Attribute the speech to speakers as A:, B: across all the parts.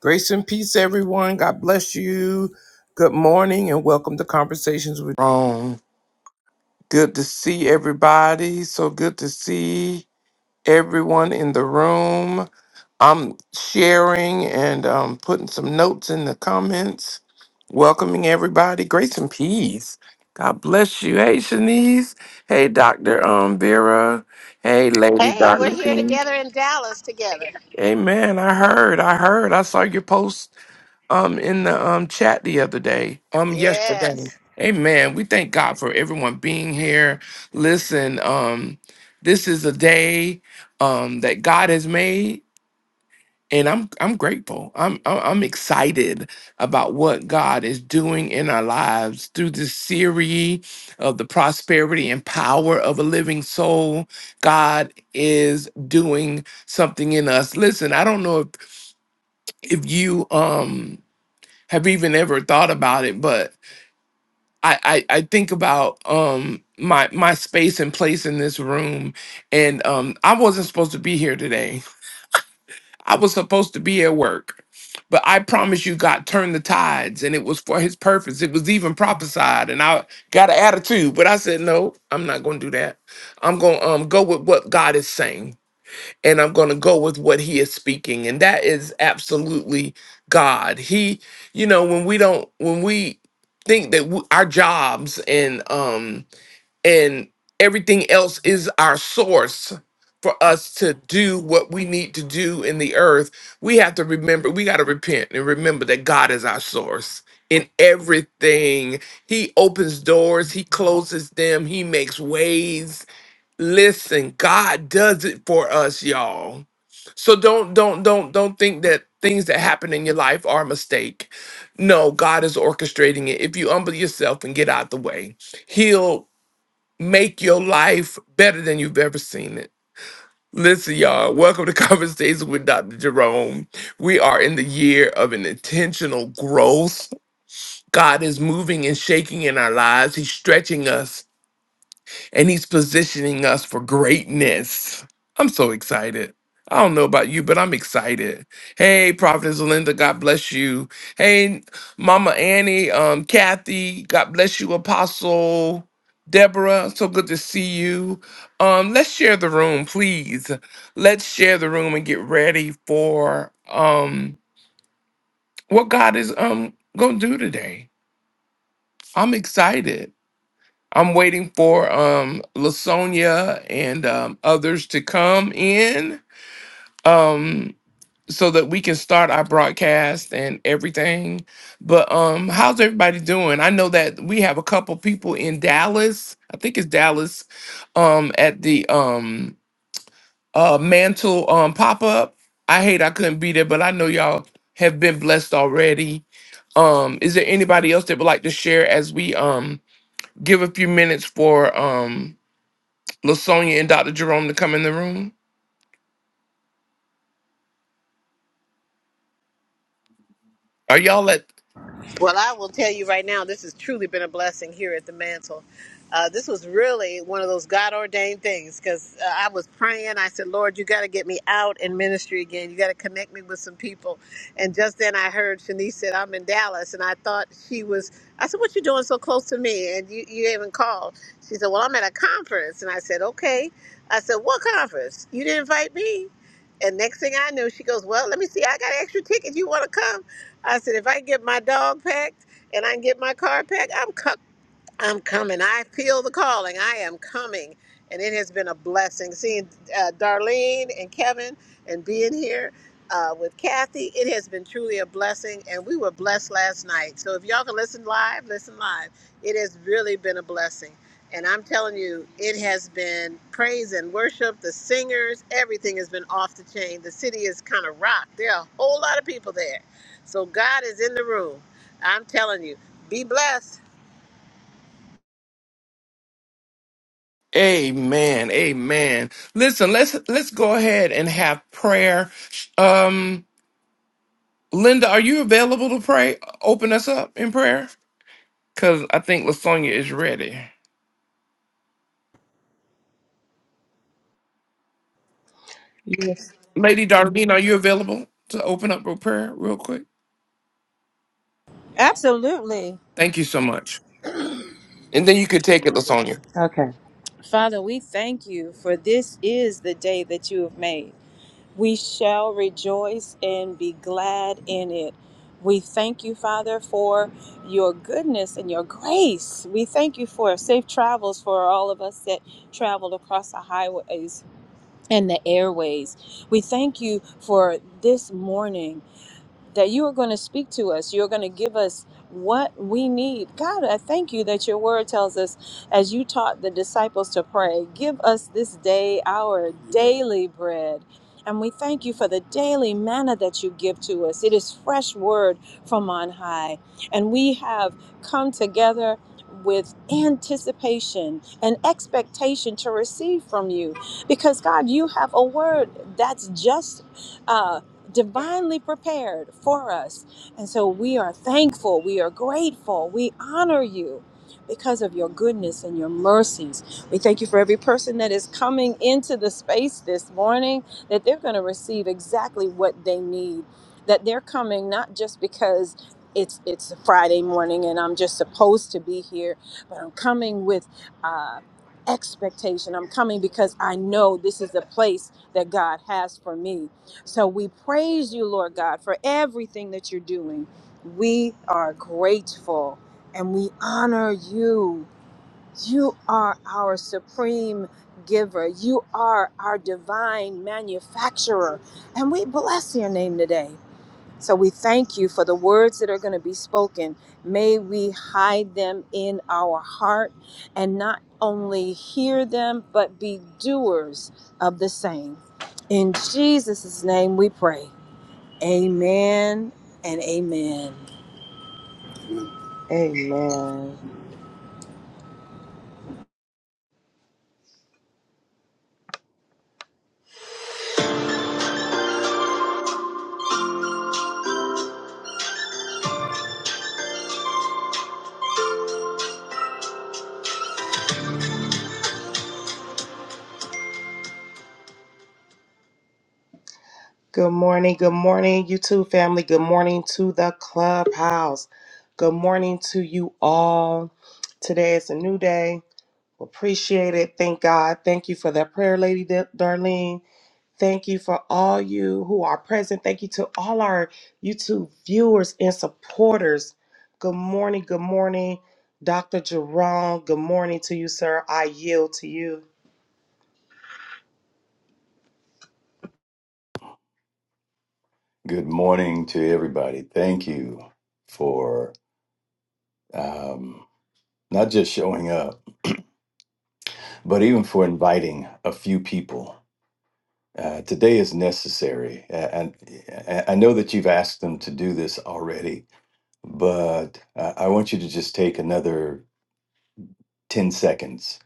A: Grace and peace, everyone. God bless you. Good morning and welcome to Conversations with Rome. Good to see everybody. So good to see everyone in the room. I'm sharing and um, putting some notes in the comments, welcoming everybody. Grace and peace. God bless you. Hey, Shanice. Hey, Dr. Um, Vera. Hey, Lady
B: Hey, we're
A: Doctor
B: here
A: King.
B: together in Dallas together.
A: Amen. I heard. I heard. I saw your post um in the um chat the other day um yesterday
B: Yes.
A: amen we thank god for everyone being here listen um this is a day um that god has made and i'm i'm grateful i'm i'm I'm excited about what god is doing in our lives through this series of the prosperity and power of a living soul god is doing something in us listen i don't know if if you um have even ever thought about it, but I, I, I think about um my my space and place in this room and um I wasn't supposed to be here today. I was supposed to be at work. But I promise you God turned the tides and it was for his purpose. It was even prophesied and I got an attitude, but I said no, I'm not going to do that. I'm going to um go with what God is saying and I'm going to go with what he is speaking. And that is absolutely God. He, you know, when we don't, when we think that w our jobs and, um, and everything else is our source for us to do what we need to do in the earth, we have to remember, we got to repent and remember that God is our source. In everything, he opens doors, he closes them, he makes ways, Listen, God does it for us, y'all. So don't don't don't don't think that things that happen in your life are a mistake. No, God is orchestrating it. If you humble yourself and get out the way, He'll make your life better than you've ever seen it. Listen, y'all, welcome to Conversations with Dr. Jerome. We are in the year of an intentional growth. God is moving and shaking in our lives. He's stretching us and he's positioning us for greatness. I'm so excited. I don't know about you, but I'm excited. Hey, Prophetess Linda, God bless you. Hey, Mama Annie, um, Kathy, God bless you, Apostle Deborah. So good to see you. Um, let's share the room, please. Let's share the room and get ready for um what God is um gonna do today. I'm excited. I'm waiting for um Lasonia and um, others to come in um so that we can start our broadcast and everything. But um how's everybody doing? I know that we have a couple people in Dallas. I think it's Dallas um at the um uh mantle um pop-up. I hate I couldn't be there, but I know y'all have been blessed already. Um is there anybody else that would like to share as we um give a few minutes for um Lasonia and Dr. Jerome to come in the room? Are y'all at
B: Well, I will tell you right now, this has truly been a blessing here at the mantle. Uh, this was really one of those God ordained things because uh, I was praying. I said, Lord, you got to get me out in ministry again. You got to connect me with some people. And just then I heard Shanice said, I'm in Dallas. And I thought she was, I said, What you doing so close to me? And you, you haven't called. She said, Well, I'm at a conference. And I said, Okay. I said, What conference? You didn't invite me? And next thing I knew, she goes, Well, let me see. I got extra tickets. You want to come? I said, if I get my dog packed and I can get my car packed, I'm covered. I'm coming. I feel the calling. I am coming. And it has been a blessing seeing uh, Darlene and Kevin and being here uh, with Kathy. It has been truly a blessing. And we were blessed last night. So if y'all can listen live, listen live. It has really been a blessing. And I'm telling you, it has been praise and worship. The singers, everything has been off the chain. The city is kind of rocked. There are a whole lot of people there. So God is in the room. I'm telling you, be blessed.
A: Amen. Amen. Listen, let's let's go ahead and have prayer. Um Linda, are you available to pray? Open us up in prayer? Cause I think Lasonia is ready.
C: Yes.
A: Lady Darlene, are you available to open up with prayer real quick?
D: Absolutely.
A: Thank you so much. And then you could take it, Lasonia.
C: Okay.
D: Father, we thank you for this is the day that you have made. We shall rejoice and be glad in it. We thank you, Father, for your goodness and your grace. We thank you for safe travels for all of us that traveled across the highways and the airways. We thank you for this morning. that you are going to speak to us. You're going to give us what we need. God, I thank you that your word tells us, as you taught the disciples to pray, give us this day our daily bread. And we thank you for the daily manna that you give to us. It is fresh word from on high. And we have come together with anticipation and expectation to receive from you. Because, God, you have a word that's just. uh, divinely prepared for us. And so we are thankful, we are grateful, we honor you because of your goodness and your mercies. We thank you for every person that is coming into the space this morning, that they're going to receive exactly what they need, that they're coming not just because. It's, it's a Friday morning and I'm just supposed to be here, but I'm coming with uh, expectation. I'm coming because I know this is the place that God has for me. So we praise you, Lord God, for everything that you're doing. We are grateful and we honor you. You are our supreme giver, you are our divine manufacturer, and we bless your name today. So we thank you for the words that are going to be spoken. May we hide them in our heart and not only hear them, but be doers of the same. In Jesus' name we pray. Amen and amen.
C: Amen. Good morning. Good morning, YouTube family. Good morning to the clubhouse. Good morning to you all. Today is a new day. Appreciate it. Thank God. Thank you for that prayer, Lady Da- Darlene. Thank you for all you who are present. Thank you to all our YouTube viewers and supporters. Good morning. Good morning, Dr. Jerome. Good morning to you, sir. I yield to you.
E: Good morning to everybody. Thank you for um, not just showing up, but even for inviting a few people. Uh, today is necessary. And and I know that you've asked them to do this already, but uh, I want you to just take another 10 seconds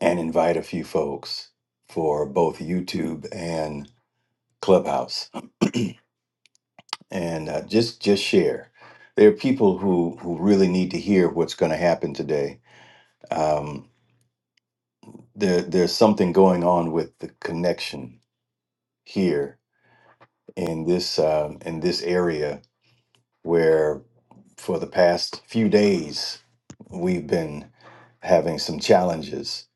E: and invite a few folks for both YouTube and Clubhouse. And uh, just just share. There are people who, who really need to hear what's going to happen today Um, there, there's something going on with the connection here in this um, in this area where, for the past few days, we've been having some challenges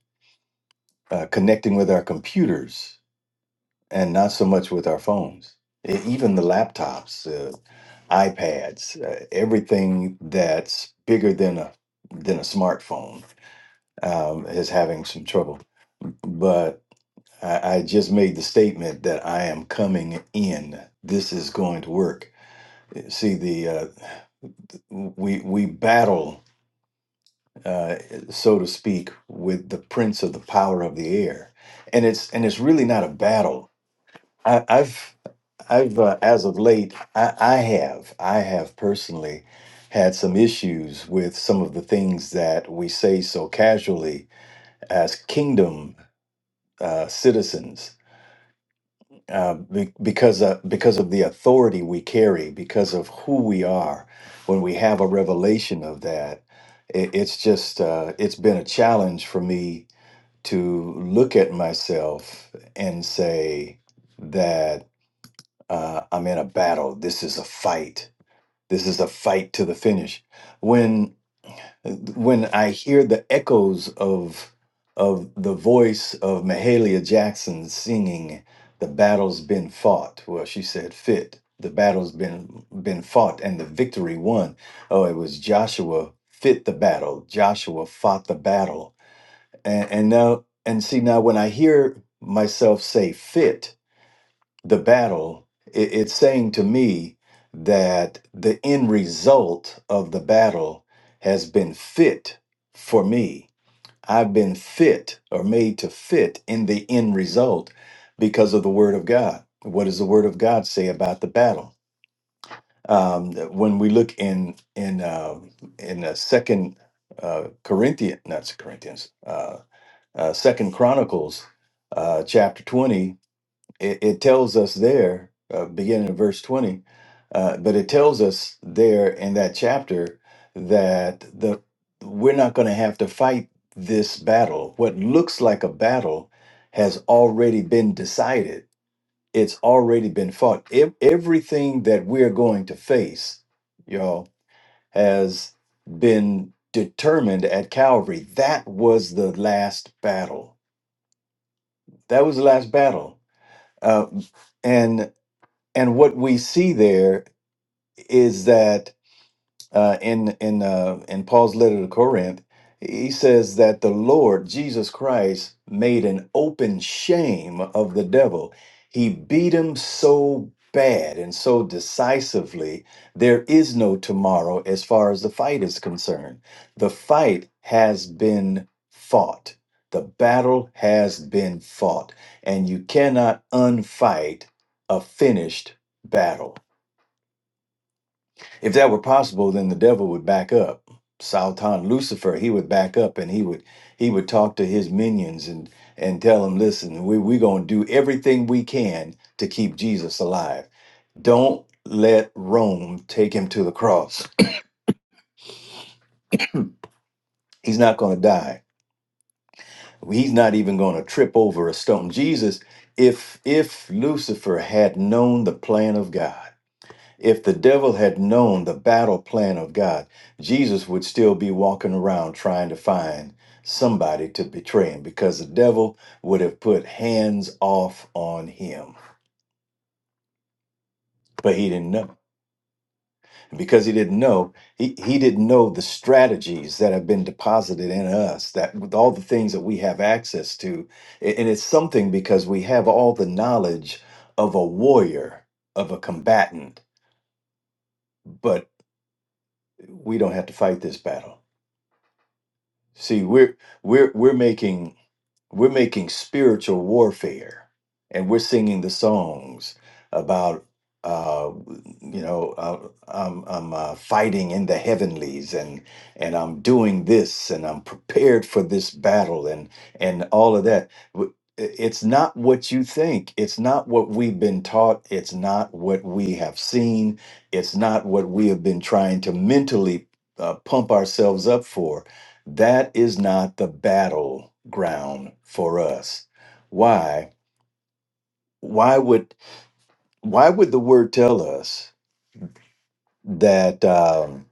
E: uh, connecting with our computers and not so much with our phones. E- Even the laptops, uh, iPads, uh, everything that's bigger than a than a smartphone um, is having some trouble. but. I, I just made the statement that I am coming in. This is going to work. See, the uh, we we battle, uh, so to speak, with the prince of the power of the air, and it's and it's really not a battle. I, I've I've uh, as of late, I, I have I have personally had some issues with some of the things that we say so casually as kingdom uh, citizens uh, be- because uh, because of the authority we carry, because of who we are, when we have a revelation of that, it, it's just uh, it's been a challenge for me to look at myself and say that uh, I'm in a battle. This is a fight. This is a fight to the finish when I hear the echoes of of the voice of Mahalia Jackson singing, "The battle's been fought." Well, she said, "Fit." The battle's been been fought and the victory won. Oh, it was Joshua fit the battle. Joshua fought the battle, and, and now and see now when I hear myself say "fit," the battle, it, it's saying to me that the end result of the battle has been fit for me. I've been fit or made to fit in the end result because of the Word of God. What does the Word of God say about the battle? Um, when we look in in uh, in uh, Second uh, Corinthians, not Corinthians, uh, uh, Second Chronicles, uh, chapter twenty, it, it tells us there, uh, beginning in verse 20, uh, but it tells us there in that chapter that the we're not going to have to fight this battle. What looks like a battle has already been decided. It's already been fought. Ev- everything that we're going to face, y'all, has been determined at Calvary. That was the last battle. That was the last battle. Uh, and what we see there is that uh, in in uh, in Paul's letter to Corinth, he says that the Lord Jesus Christ made an open shame of the devil. He beat him so bad and so decisively. There is no tomorrow as far as the fight is concerned. The fight has been fought. The battle has been fought, and you cannot unfight a finished battle. If that were possible, then the devil would back up. Satan, Lucifer, he would back up and he would he would talk to his minions and and tell them, listen, we we're gonna do everything we can to keep Jesus alive. Don't let Rome take him to the cross. He's not gonna die. He's not even gonna trip over a stone. Jesus, if if Lucifer had known the plan of God. If the devil had known the battle plan of God, Jesus would still be walking around trying to find somebody to betray him because the devil would have put hands off on him. But he didn't know. Because he didn't know, he, he didn't know the strategies that have been deposited in us, that with all the things that we have access to. A- And it's something because we have all the knowledge of a warrior, of a combatant, but we don't have to fight this battle See, we're we're we're making we're making spiritual warfare, and we're singing the songs about uh, you know uh, I'm I'm uh, fighting in the heavenlies, and and I'm doing this, and I'm prepared for this battle, and and all of that. W- i- It's not what you think. It's not what we've been taught. It's not what we have seen. It's not what we have been trying to mentally uh, pump ourselves up for that is not the battleground for us. Why? Why would why would the word tell us that um,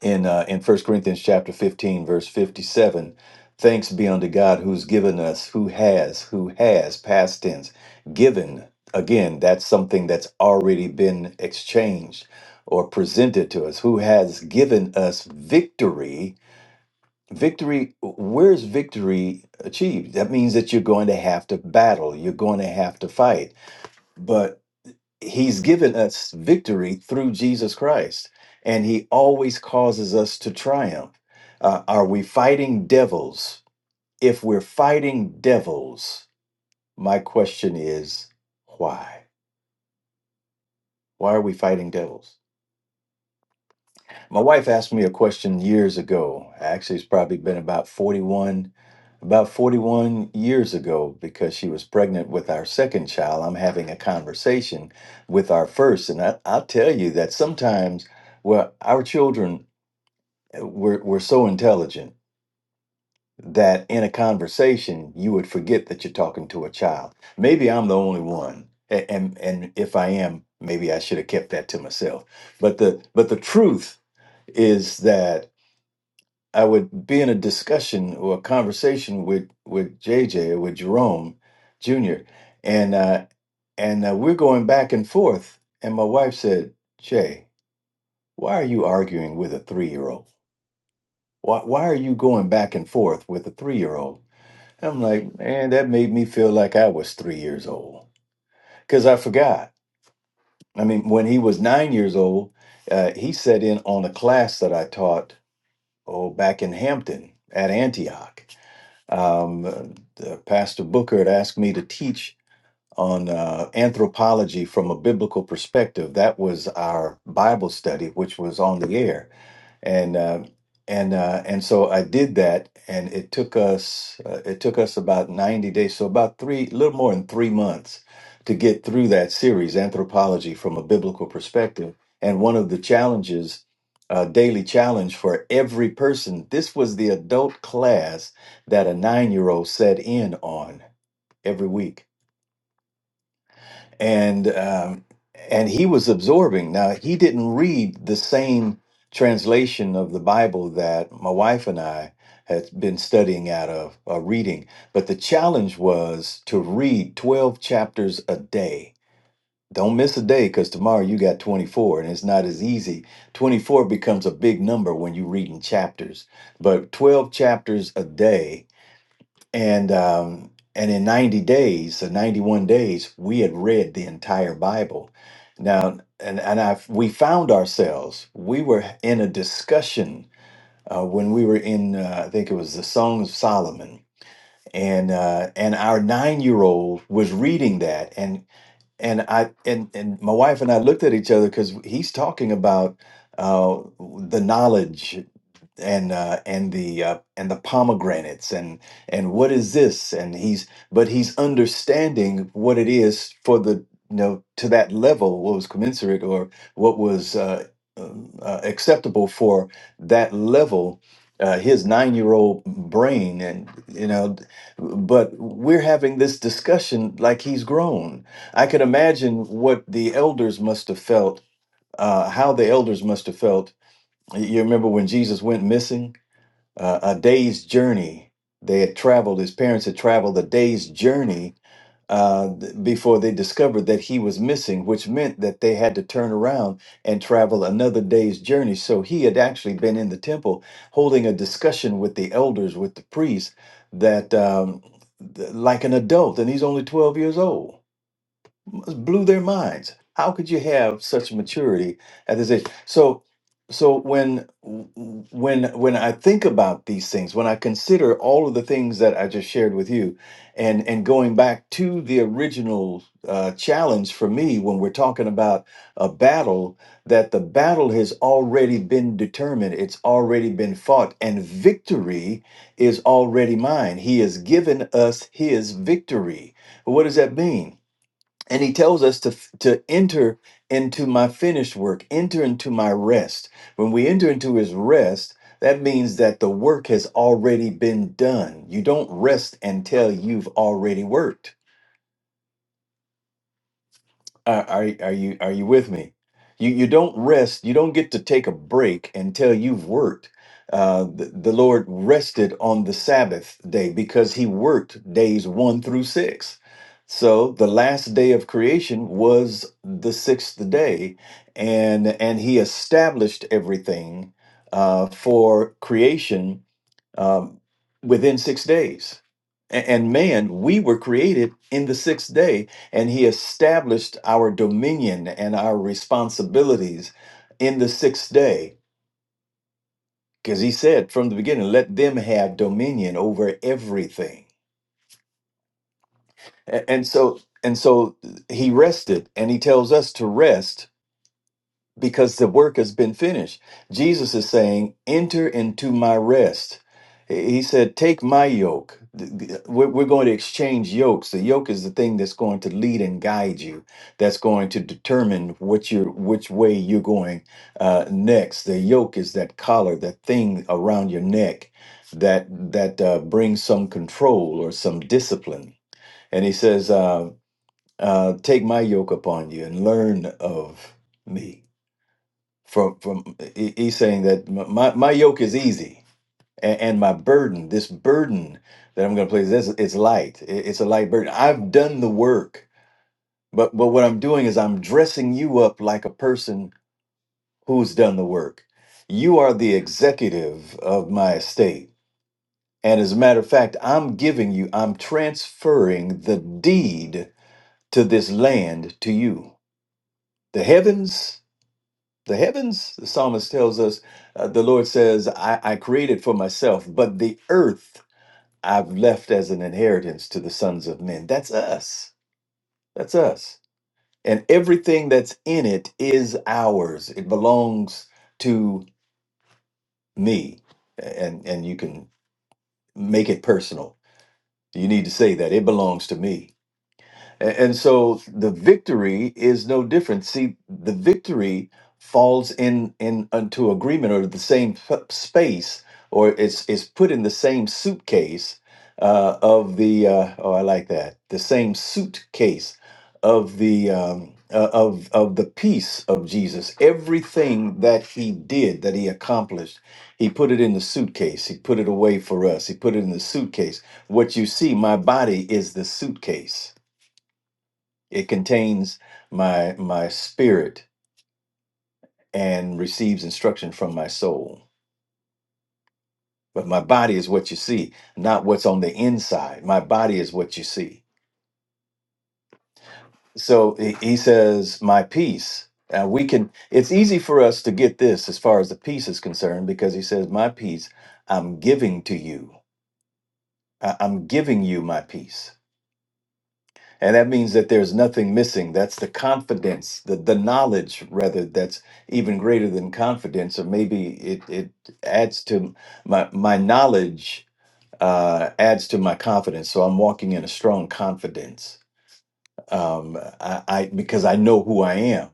E: in uh, in First Corinthians chapter fifteen verse fifty seven, thanks be unto God who's given us, who has, who has past tense given again. That's something that's already been exchanged or presented to us. Who has given us victory Victory, where's victory achieved? That means that you're going to have to battle, you're going to have to fight. But he's given us victory through Jesus Christ, and he always causes us to triumph. Uh, are we fighting devils? If we're fighting devils, my question is why? Why are we fighting devils? My wife asked me a question years ago. Actually, it's probably been about 41, about 41 years ago because she was pregnant with our second child. I'm having a conversation with our first. And I, I'll tell you that sometimes, well, our children uh, were, were so intelligent that in a conversation, you would forget that you're talking to a child. Maybe I'm the only one. a- And, and if I am, maybe I should have kept that to myself. But the, but the truth is that I would be in a discussion or a conversation with with JJ or with Jerome Jr. and uh, and uh, we're going back and forth, and my wife said, "Jay, why are you arguing with a three year old? Why why are you going back and forth with a three year old?" I'm like, man, that made me feel like I was three years old because I forgot. I mean, when he was nine years old, uh, he sat in on a class that I taught oh back in Hampton at Antioch Um, uh, Pastor Booker had asked me to teach on uh, anthropology from a biblical perspective. That was our Bible study, which was on the air and uh, and uh, and so I did that, and it took us uh, it took us about ninety days, so about three, a little more than three months, to get through that series, anthropology from a biblical perspective. And one of the challenges, uh, daily challenge for every person, this was the adult class that a nine year old set in on every week and um, and he was absorbing. Now he didn't read the same translation of the Bible that my wife and I had been studying out of uh, reading, but the challenge was to read twelve chapters a day. Don't miss a day because tomorrow you got 24 and it's not as easy. 24 becomes a big number when you're reading chapters, but 12 chapters a day and um, and in 90 days the 91 days we had read the entire bible now and and i we found ourselves we were in a discussion uh, when we were in uh, i think it was the song of solomon and uh, and our nine year old was reading that and and i and, and my wife and i looked at each other because he's talking about uh, the knowledge and uh, and the uh, and the pomegranates and and what is this and he's but he's understanding what it is for the you know to that level what was commensurate or what was uh, um, uh, acceptable for that level uh, his nine year old brain and you know but we're having this discussion like he's grown I can imagine what the elders must have felt uh, how the elders must have felt you remember when Jesus went missing uh, a day's journey. They had traveled, his parents had traveled a day's journey uh, before they discovered that he was missing, which meant that they had to turn around and travel another day's journey. So he had actually been in the temple holding a discussion with the elders, with the priests, that um, th- like an adult, and he's only 12 years old. It blew their minds. How could you have such maturity at this age? So, so when when when I think about these things, when I consider all of the things that I just shared with you, and and going back to the original uh, challenge for me when we're talking about a battle, that the battle has already been determined, it's already been fought, and victory is already mine. He has given us his victory. What does that mean? and he tells us to to enter into my finished work enter into my rest when we enter into his rest that means that the work has already been done you don't rest until you've already worked are, are are you are you with me? You you don't rest. You don't get to take a break until you've worked. Uh, the, the Lord rested on the Sabbath day because He worked days one through six. So the last day of creation was the sixth day, and and He established everything uh, for creation um, within six days. A- And man, we were created in the sixth day, and He established our dominion and our responsibilities in the sixth day. Because He said from the beginning, let them have dominion over everything. A- And so, and so He rested, and He tells us to rest because the work has been finished. Jesus is saying, Enter into my rest. He said, Take my yoke. Th- th- We're we're going to exchange yokes. The yoke is the thing that's going to lead and guide you, that's going to determine what you're, which way you're going uh, next. The yoke is that collar, that thing around your neck that that uh, brings some control or some discipline. And he says, uh, uh, Take my yoke upon you and learn of me from from he- he's saying that m- my my yoke is easy and, and my burden this burden that i'm going to place this it's light I- it's a light burden i've done the work but but what i'm doing is i'm dressing you up like a person who's done the work you are the executive of my estate and as a matter of fact i'm giving you i'm transferring the deed to this land to you the heavens the heavens, the psalmist tells us, uh, the Lord says, I, I created for myself, but the earth I've left as an inheritance to the sons of men. That's us. That's us. And everything that's in it is ours, it belongs to me. And, and you can make it personal. You need to say that it belongs to me. A- And so the victory is no different. See, the victory falls in in into agreement or the same p- space, or it's is put in the same suitcase uh, of the. Uh, oh, I like that. The same suitcase of the um, uh, of of the peace of Jesus. Everything that he did, that he accomplished, he put it in the suitcase. He put it away for us. He put it in the suitcase. What you see, my body is the suitcase it contains my my spirit and receives instruction from my soul. But my body is what you see, not what's on the inside. My body is what you see. So he he says, "My peace." Now we can. It's easy for us to get this as far as the peace is concerned because he says, "My peace, I'm giving to you. I- I'm giving you my peace." And that means that there's nothing missing. That's the confidence, the, the knowledge, rather, that's even greater than confidence. Or maybe it, it adds to my, my knowledge, uh, adds to my confidence. So I'm walking in a strong confidence um, I, I, because I know who I am.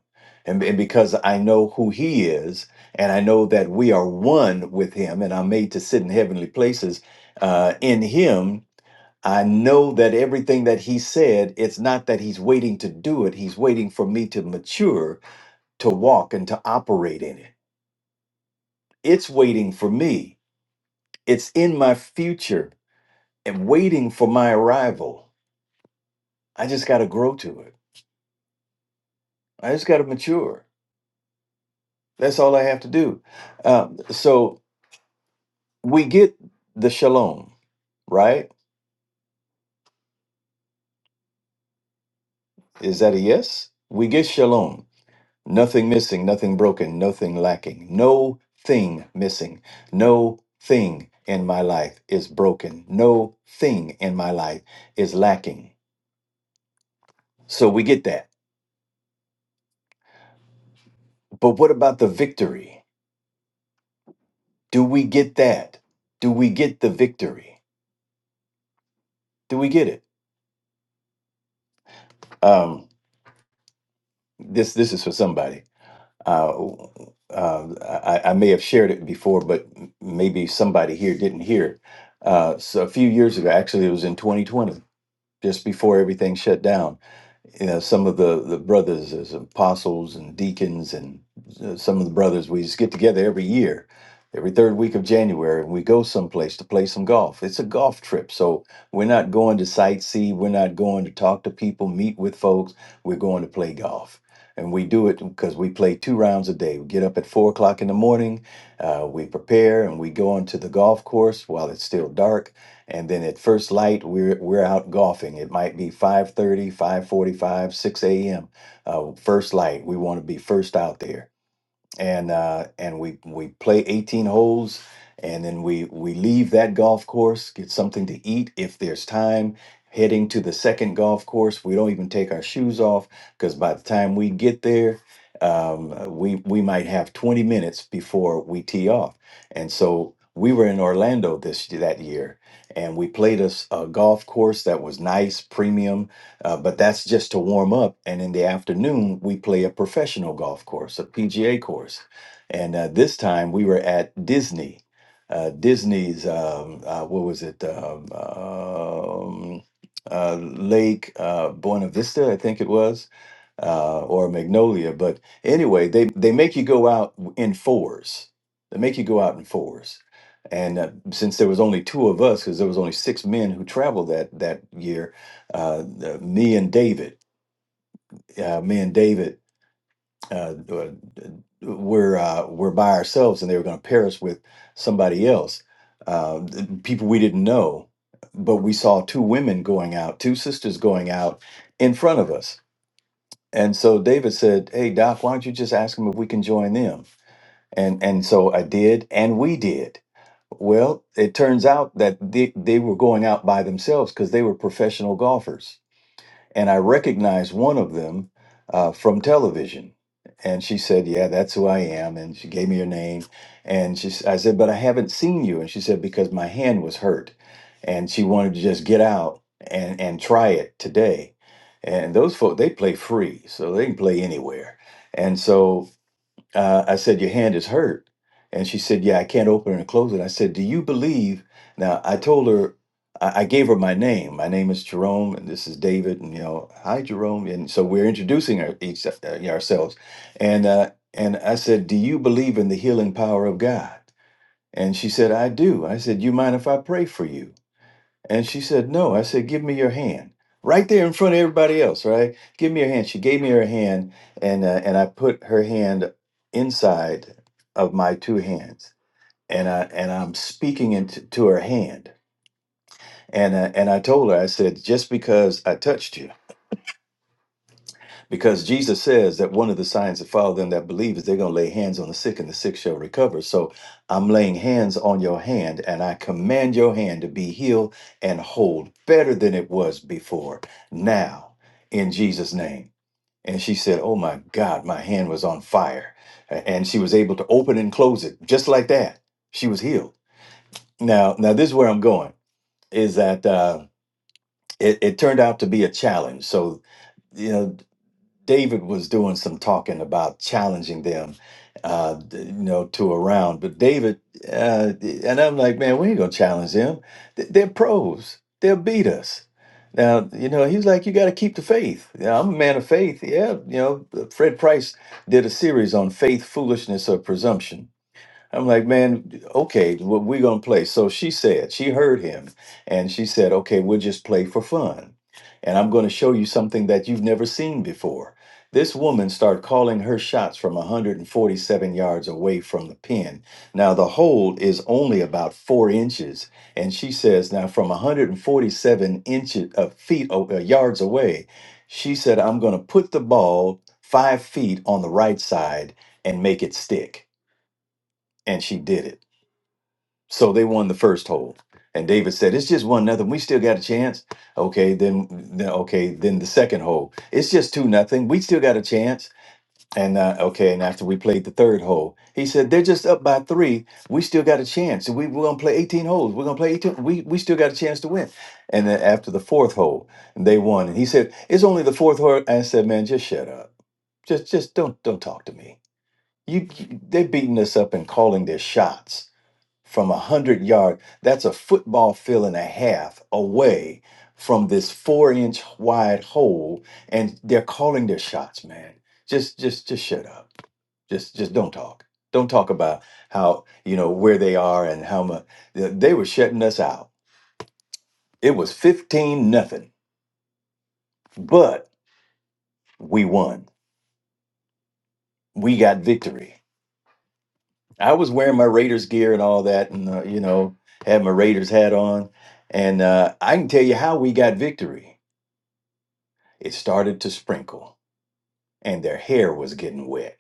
E: And, and because I know who He is, and I know that we are one with Him, and I'm made to sit in heavenly places uh, in Him, I know that everything that he said, it's not that he's waiting to do it. He's waiting for me to mature, to walk, and to operate in it. It's waiting for me, it's in my future and waiting for my arrival. I just got to grow to it. I just got to mature. That's all I have to do. Um, so we get the shalom, right? Is that a yes? We get shalom Nothing missing, nothing broken, nothing lacking. No thing missing. No thing in my life is broken. No thing in my life is lacking. So we get that. But what about the victory? Do we get that? Do we get the victory? Do we get it? Um, this this is for somebody. Uh, uh, I, I may have shared it before, but m- maybe somebody here didn't hear. it. Uh, so a few years ago, actually, it was in 2020. just before everything shut down. You know, some of the the brothers as apostles and deacons, and uh, some of the brothers we just get together every year, every third week of January, and we go someplace to play some golf. It's a golf trip, so we're not going to sightsee, we're not going to talk to people, meet with folks. We're going to play golf. And we do it because we play two rounds a day. We get up at four o'clock in the morning, uh, we prepare, and we go onto the golf course while it's still dark and then at first light we're we're out golfing it might be 5.30 5.45 6 a.m uh, first light we want to be first out there and uh, and we we play 18 holes and then we we leave that golf course get something to eat if there's time heading to the second golf course we don't even take our shoes off because by the time we get there um, uh, we we might have 20 minutes before we tee off and so we were in Orlando this that year and we played a, s- a golf course that was nice premium uh, but that's just to warm up. And in the afternoon, we play a professional golf course, a PGA course. And uh, this time we were at Disney. Uh, Disney's, um, uh, what was it? Um, um, uh, Lake uh, Buena Vista, I think it was uh, or magnolia. But anyway, they they make you go out in fours. They make you go out in fours. And uh, since there was only two of us, because there was only six men who traveled that that year, uh, uh, me and David, uh, me and David uh, uh, were uh, were by ourselves, and they were going to pair us with somebody else, uh, th- people we didn't know. But we saw two women going out, two sisters going out in front of us and so David said, "Hey Doc, why don't you just ask them if we can join them?" And and so I did, and we did. Well, it turns out that they, they were going out by themselves because they were professional golfers and I recognized one of them uh, from television. And she said, "Yeah, that's who I am." And she gave me her name. And she, s- I said, "But I haven't seen you." And she said, "Because my hand was hurt, and she wanted to just get out and and try it today." And those folks, they play free, so they can play anywhere. And so uh, I said, Your hand is hurt. And she said, Yeah, I can't open it and close it. I said, Do you believe? Now, I told her, I, I gave her my name. My name is Jerome, and this is David. And, you know, hi, Jerome. And so we're introducing our, each, uh, ourselves. And, uh, and I said, Do you believe in the healing power of God? And she said, I do. I said, You mind if I pray for you? And she said, No. I said, Give me your hand. Right there in front of everybody else, right? Give me your hand. She gave me her hand, and uh, and I put her hand inside of my two hands, and I and I'm speaking into to her hand, and uh, and I told her, I said, just because I touched you because Jesus says that one of the signs that follow them that believe is they're going to lay hands on the sick and the sick shall recover. So I'm laying hands on your hand and I command your hand to be healed and whole better than it was before now in Jesus' name. And she said, Oh my God, my hand was on fire. A- And she was able to open and close it just like that. She was healed. Now, now this is where I'm going is that uh, it, it turned out to be a challenge. So, you know, David was doing some talking about challenging them, uh, th- you know, to a round. But David, uh, and I'm like, man, we ain't gonna challenge them. Th- They're pros. They'll beat us. Now, you know, he's like, you got to keep the faith. Yeah, I'm a man of faith. Yeah, you know, Fred Price did a series on faith, foolishness, or presumption I'm like, man, okay, what we gonna play? So she said she heard him, and she said, okay, we'll just play for fun, and I'm going to show you something that you've never seen before. This woman started calling her shots from 147 yards away from the pin. Now the hole is only about four inches, and she says now from 147 inches of feet o- uh, yards away, she said, I'm going to put the ball five feet on the right side and make it stick, and she did it. So they won the first hole. And David said, It's just one nothing. We still got a chance. Okay, then, then okay, then the second hole. It's just two nothing. We still got a chance. And uh, okay, and after we played the third hole, he said, They're just up by three. We still got a chance. We, we're gonna play 18 holes. We're gonna play 18. We we still got a chance to win. And then after the fourth hole, they won. And he said, It's only the fourth hole. I said, Man, just shut up. Just just don't don't talk to me. You, you they're beating us up and calling their shots from a hundred yard. That's a football field and a half away from this four inch wide hole, and they're calling their shots, man. Just, just, just shut up. Just, just don't talk. Don't talk about how you know where they are and how much they were shutting us out. It was fifteen nothing, but we won. We got victory. I was wearing my Raiders gear and all that, and uh, you know, had my Raiders hat on, and uh, I can tell you how we got victory It started to sprinkle, and their hair was getting wet.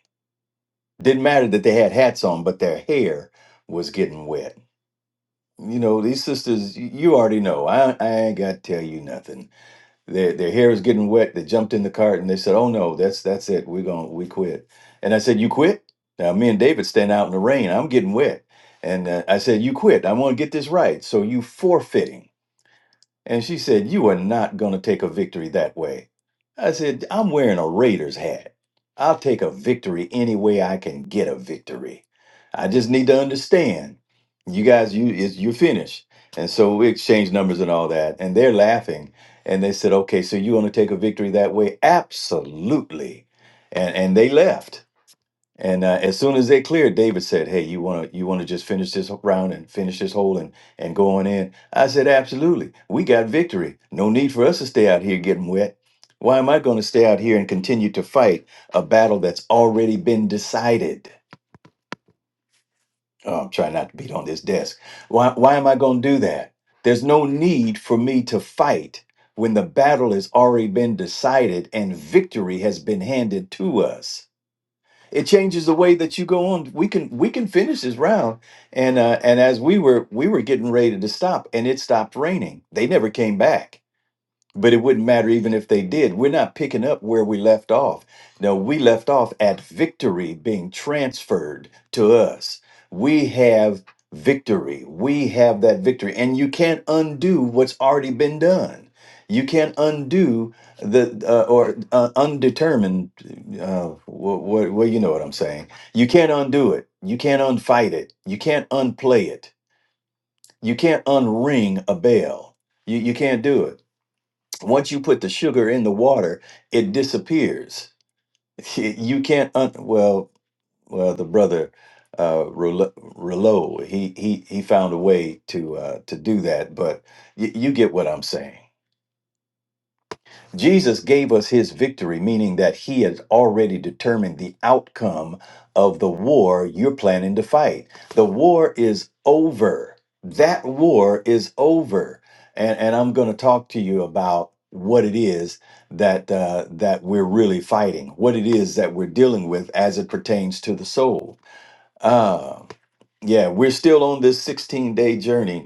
E: Didn't matter that they had hats on, but their hair was getting wet. You know, these sisters, y- you already know. I, I ain't got to tell you nothing. Their, their hair was getting wet. They jumped in the cart and they said, "Oh no, that's that's it. We're going to we quit." And I said, "You quit?" Now me and David stand out in the rain. I'm getting wet, and uh, I said, "You quit. I want to get this right. So you forfeiting." And she said, You are not going to take a victory that way. I said, I'm wearing a Raiders hat. I'll take a victory any way I can get a victory. I just need to understand. You guys, you is you're finished. And so we exchanged numbers and all that. And they're laughing. And they said, Okay, so you want to take a victory that way? Absolutely. And and they left. And uh, as soon as they cleared, David said, "Hey, you want to you want to just finish this round and finish this hole and and go on in?" I said, "Absolutely. We got victory. No need for us to stay out here getting wet. Why am I going to stay out here and continue to fight a battle that's already been decided?" Oh, I'm trying not to beat on this desk. Why why am I going to do that? There's no need for me to fight when the battle has already been decided and victory has been handed to us it changes the way that you go on. We can we can finish this round, and uh, and as we were we were getting ready to stop, and it stopped raining. They never came back but it wouldn't matter even if they did. We're not picking up where we left off. No, we left off at victory being transferred to us. We have victory. We have that victory. And you can't undo what's already been done. You can't undo the uh, or uh, undetermined. Uh, well, well, you know what I'm saying. You can't undo it. You can't unfight it. You can't unplay it. You can't unring a bell. You, you can't do it once you put the sugar in the water, it disappears. You can't un- well well the brother uh Rouleau, Rouleau he he he found a way to uh to do that, but y- you get what I'm saying. Jesus gave us his victory, meaning that he had already determined the outcome of the war you're planning to fight. The war is over. That war is over. And, and I'm going to talk to you about what it is that uh, that we're really fighting, what it is that we're dealing with as it pertains to the soul. Uh, yeah, we're still on this 16 day journey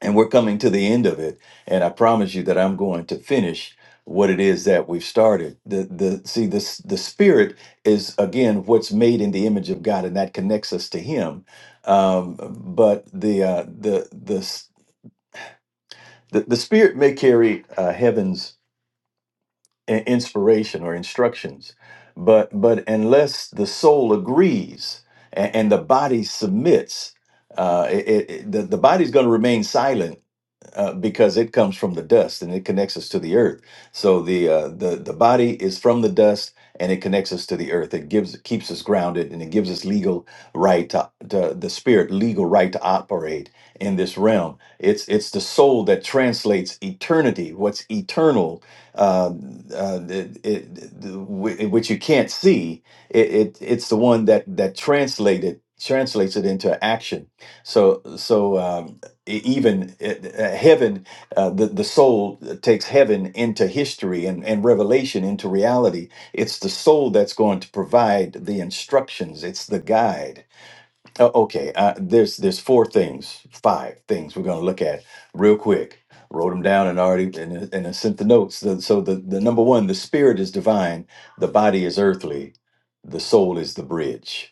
E: and we're coming to the end of it and i promise you that i'm going to finish what it is that we've started the the see this the spirit is again what's made in the image of god and that connects us to him um but the uh the the s- the, the spirit may carry uh, heaven's i- inspiration or instructions but but unless the soul agrees and, and the body submits uh, it, it, it- the, the body's going to remain silent uh, because it comes from the dust and it connects us to the earth. So the uh, the the body is from the dust and it connects us to the earth. It gives keeps us grounded and it gives us legal right to, to the spirit legal right to operate in this realm. It's it's the soul that translates eternity, what's eternal, uh, uh, it, it, the- whi- which you can't see. It, it it's the one that that translated translates it into action. So so. Um, e- even uh, uh, heaven, uh, the, the soul takes heaven into history and, and revelation into reality. It's the soul that's going to provide the instructions, it's the guide. Uh, okay, uh, there's, there's four things, five things we're going to look at real quick. Wrote them down and already and, and I sent the notes. The- so the, the number one, the spirit is divine, the body is earthly, the soul is the bridge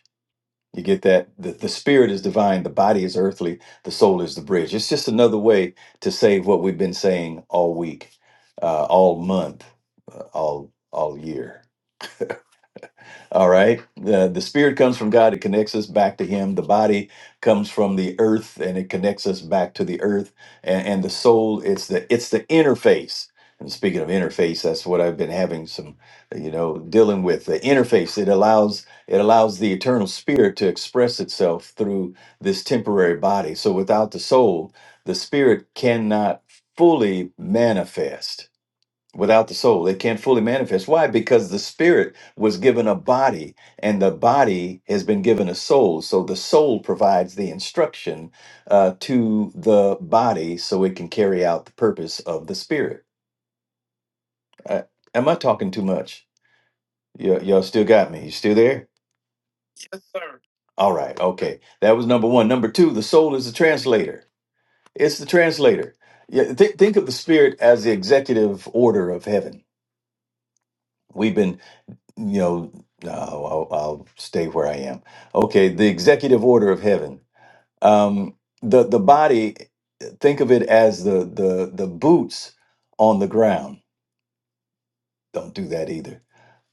E: you get that? The, the spirit is divine, the body is earthly, the soul is the bridge. It's just another way to save what we've been saying all week, uh, all month, uh, all all year. All right. The, the spirit comes from God, it connects us back to Him. The body comes from the earth and it connects us back to the earth. And, and the soul, it's the it's the interface. And speaking of interface, that's what I've been having some, you know, dealing with. The interface, it allows it allows the eternal spirit to express itself through this temporary body. So without the soul, the spirit cannot fully manifest without the soul. It can't fully manifest. Why? Because the spirit was given a body and the body has been given a soul. So the soul provides the instruction uh, to the body so it can carry out the purpose of the spirit. Uh, am I talking too much? Y- y'all still got me? You still there? Sir. All right, okay. That was number one. Number two, the soul is the translator. It's the translator. Yeah, thi- think of the spirit as the executive order of heaven. We've been you know, no, I'll, I'll stay where I am. Okay, the executive order of heaven. Um, the the body, think of it as the the the boots on the ground. Don't do that either.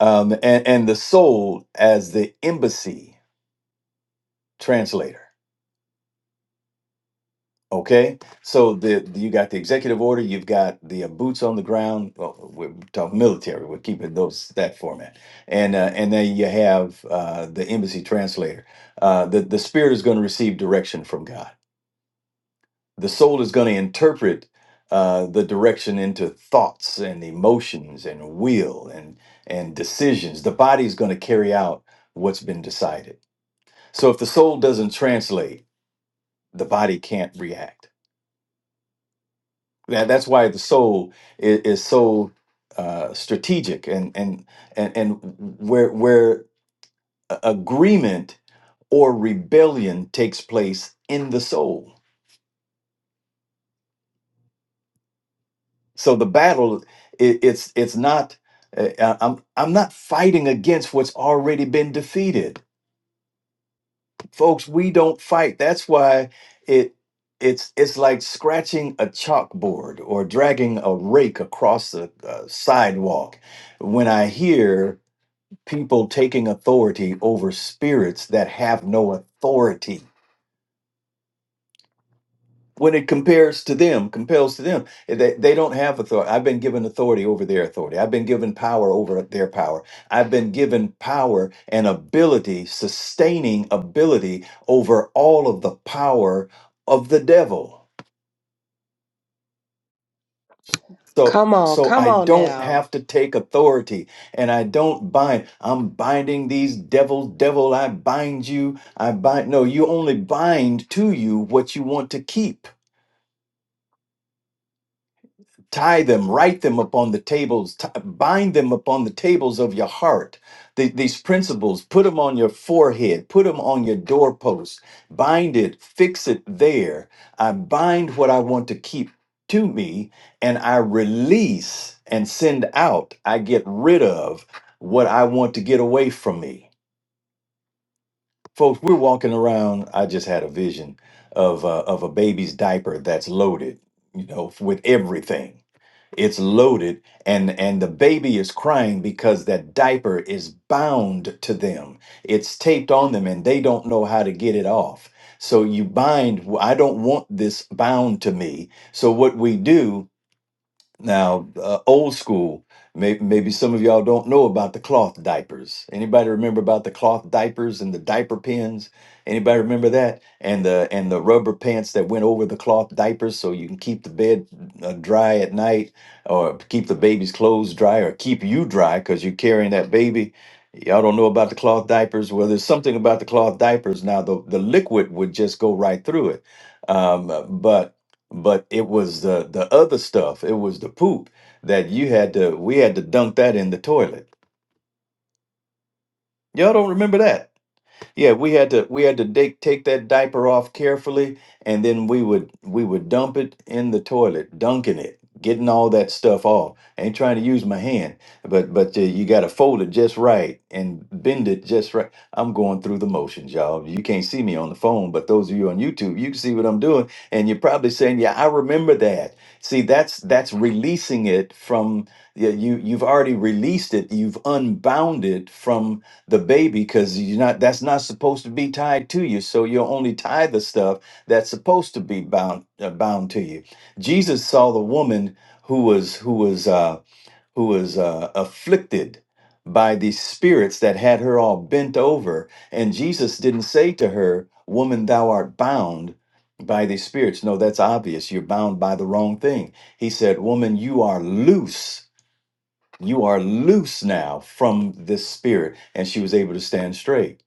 E: Um, and and the soul as the embassy translator. Okay, so the, the- you got the executive order, you've got the uh, boots on the ground. Well, we're talking military. We're keeping those that format, and uh, and then you have uh, the embassy translator. Uh, the the spirit is going to receive direction from God. The soul is going to interpret uh, the direction into thoughts and emotions and will and and decisions. The body is going to carry out what's been decided. So if the soul doesn't translate, the body can't react. That, that's why the soul is, is so uh, strategic and and and and where where a- agreement or rebellion takes place in the soul. So the battle it, it's it's not uh, I- I'm I'm not fighting against what's already been defeated. Folks, we don't fight. That's why it it's it's like scratching a chalkboard or dragging a rake across the uh, sidewalk when I hear people taking authority over spirits that have no authority when it compares to them compels to them eh, they, they don't have authority i've been given authority over their authority i've been given power over their power i've been given power and ability sustaining ability over all of the power of the devil So
C: Come on.
E: so
C: Come
E: I
C: on
E: don't
C: now.
E: have to take authority and I don't bind. I'm binding these devils, devil, I bind you. I bind no, you only bind to you what you want to keep tie them, write them upon the tables, t- bind them upon the tables of your heart. The- these principles, put them on your forehead, put them on your doorpost, bind it, fix it there. I bind what I want to keep to me, and I release and send out. I get rid of what I want to get away from me. Folks, we're walking around. I just had a vision of a, of a baby's diaper that's loaded, you know, with everything it's loaded and and the baby is crying because that diaper is bound to them it's taped on them and they don't know how to get it off so you bind "Well, i don't want this bound to me so what we do now, uh, old school, may, maybe some of y'all don't know about the cloth diapers. Anybody remember about the cloth diapers and the diaper pins? Anybody remember that? And the and the rubber pants that went over the cloth diapers so you can keep the bed uh, dry at night or keep the baby's clothes dry or keep you dry cuz you're carrying that baby. Y'all don't know about the cloth diapers. Well, there's something about the cloth diapers. Now, the, the liquid would just go right through it. Um, but but it was the the other stuff. It was the poop that you had to. We had to dump that in the toilet. Y'all don't remember that. Yeah, we had to we had to da- take that diaper off carefully, and then we would we would dump it in the toilet, dunking it, getting all that stuff off. I ain't trying to use my hand, but but uh, you got to fold it just right and bend it just right. I'm going through the motions, y'all. You can't see me on the phone, but those of you on YouTube, you can see what I'm doing, and you're probably saying, "Yeah, I remember that." See, that's that's releasing it from yeah, you. You've already released it. You've unbound it from the baby because you're not that's not supposed to be tied to you so you will only tie the stuff that's supposed to be bound uh, bound to you jesus saw the woman who was who was uh who was uh afflicted by these spirits that had her all bent over and jesus didn't say to her woman thou art bound by these spirits no that's obvious you're bound by the wrong thing he said woman you are loose you are loose now from this spirit. And she was able to stand straight.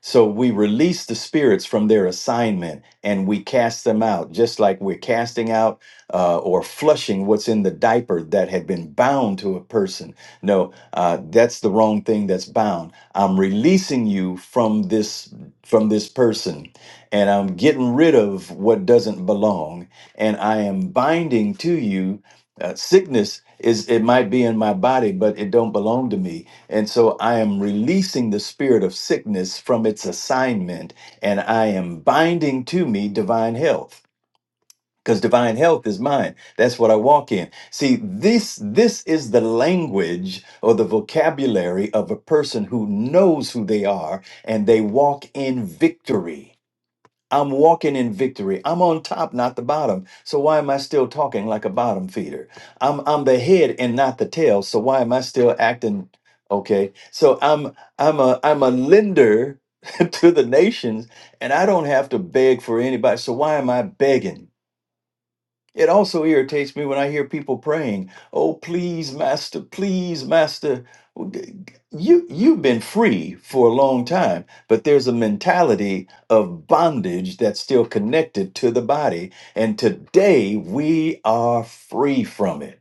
E: So we release the spirits from their assignment and we cast them out, just like we're casting out uh, or flushing what's in the diaper that had been bound to a person no, uh, that's the wrong thing that's bound. I'm releasing you from this from this person, and I'm getting rid of what doesn't belong, and I am binding to you. Uh, sickness is it might be in my body, but it don't belong to me, and so I am releasing the spirit of sickness from its assignment, and I am binding to me divine health because divine health is mine that's what i walk in see this this is the language or the vocabulary of a person who knows who they are and they walk in victory i'm walking in victory i'm on top not the bottom so why am i still talking like a bottom feeder i'm i'm the head and not the tail so why am i still acting okay so i'm i'm a i'm a lender to the nations and i don't have to beg for anybody so why am i begging it also irritates me when I hear people praying, "Oh, please, Master, please, Master." Well, g- g- You you've been free for a long time, but there's a mentality of bondage that's still connected to the body, and today we are free from it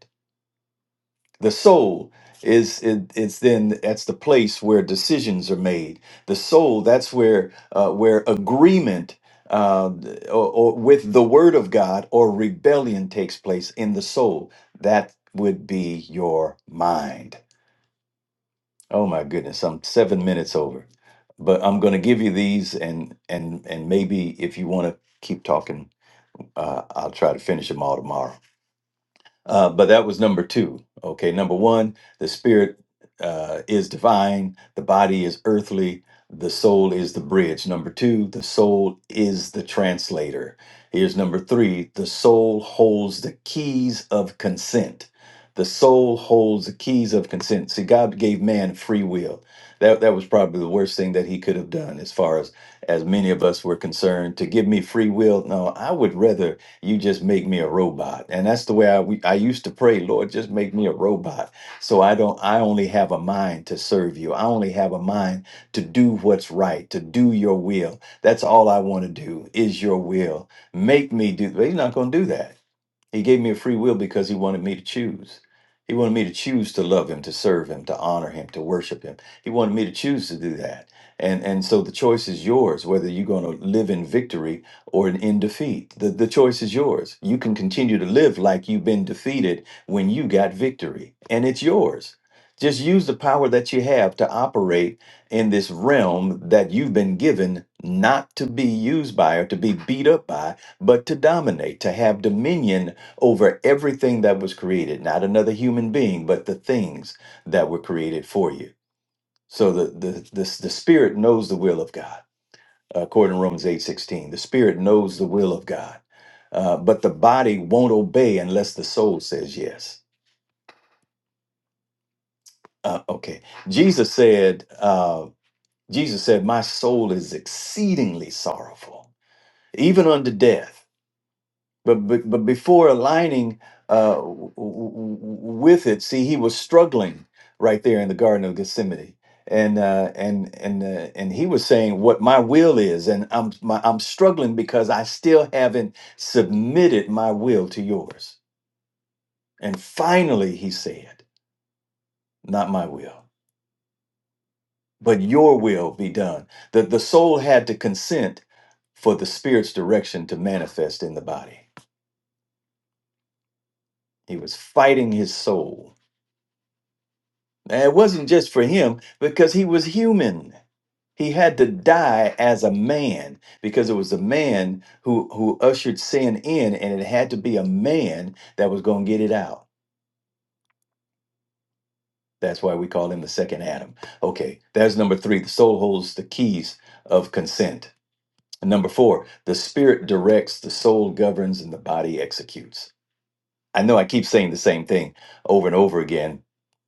E: the soul is it, it's then that's the place where decisions are made the soul that's where uh, where agreement uh, or, or with the word of god or rebellion takes place in the soul that would be your mind oh my goodness i'm seven minutes over but i'm going to give you these and and and maybe if you want to keep talking uh, i'll try to finish them all tomorrow uh, but that was number two. Okay, number one, the spirit uh, is divine, the body is earthly, the soul is the bridge. Number two, the soul is the translator. Here's number three the soul holds the keys of consent. The soul holds the keys of consent. See, God gave man free will. That, that was probably the worst thing that he could have done as far as as many of us were concerned to give me free will no i would rather you just make me a robot. And that's the way I we, I used to pray, Lord, just make me a robot. So I don't I only have a mind to serve you. I only have a mind to do what's right, to do your will. That's all I want to do is your will. Make me do. But he's not going to do that. He gave me a free will because he wanted me to choose. He wanted me to choose to love him, to serve him, to honor him, to worship him. He wanted me to choose to do that. And and so the choice is yours whether you're going to live in victory or in, in defeat. The the choice is yours. You can continue to live like you've been defeated when you got victory, and it's yours. Just use the power that you have to operate in this realm that you've been given not to be used by or to be beat up by, but to dominate, to have dominion over everything that was created, not another human being, but the things that were created for you. So the the the, the spirit knows the will of God, according to Romans eight sixteen. The spirit knows the will of God, uh, but the body won't obey unless the soul says yes. Uh, okay, Jesus said. Uh, Jesus said, "My soul is exceedingly sorrowful, even unto death." But, but, but before aligning uh, w- w- w- with it, see, he was struggling right there in the Garden of Gethsemane. And uh, and and uh, and he was saying what my will is, and I'm my, I'm struggling because I still haven't submitted my will to yours. And finally, he said, "Not my will, but your will be done." That the soul had to consent for the spirit's direction to manifest in the body. He was fighting his soul And it wasn't just for him because he was human. He had to die as a man because it was a man who, who ushered sin in, and it had to be a man that was going to get it out. That's why we call him the second Adam. Okay, that's number three. The soul holds the keys of consent. And number four, the spirit directs, the soul governs, and the body executes. I know I keep saying the same thing over and over again,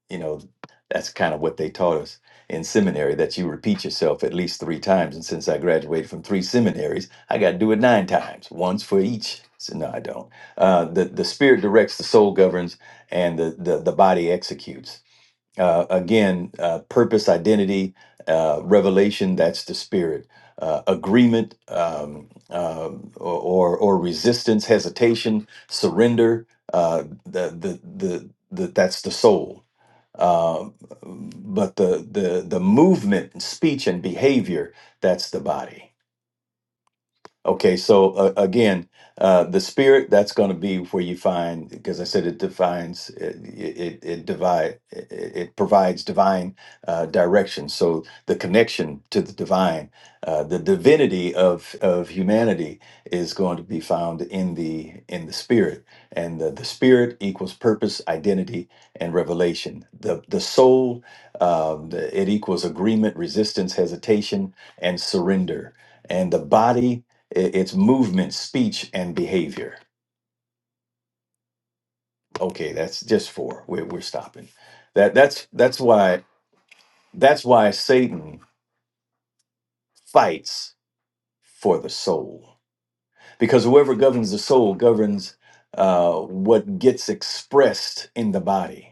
E: you know that's kind of what they taught us in seminary that you repeat yourself at least three times and since i graduated from three seminaries i got to do it nine times once for each so no i don't uh, the, the spirit directs the soul governs and the, the, the body executes uh, again uh, purpose identity uh, revelation that's the spirit uh, agreement um, uh, or, or or resistance hesitation surrender uh, the, the, the, the, that's the soul uh, but the the the movement, and speech, and behavior that's the body. Okay, so uh, again, uh, the spirit that's going to be where you find, because I said it defines, it it, it divide, it, it provides divine uh, direction. So the connection to the divine, uh, the divinity of of humanity is going to be found in the in the spirit, and the, the spirit equals purpose, identity, and revelation. The the soul, um, it equals agreement, resistance, hesitation, and surrender, and the body it, it's movement, speech, and behavior. Okay, that's just four. We're we're stopping. That that's that's why that's why Satan fights for the soul because whoever governs the soul governs uh, what gets expressed in the body.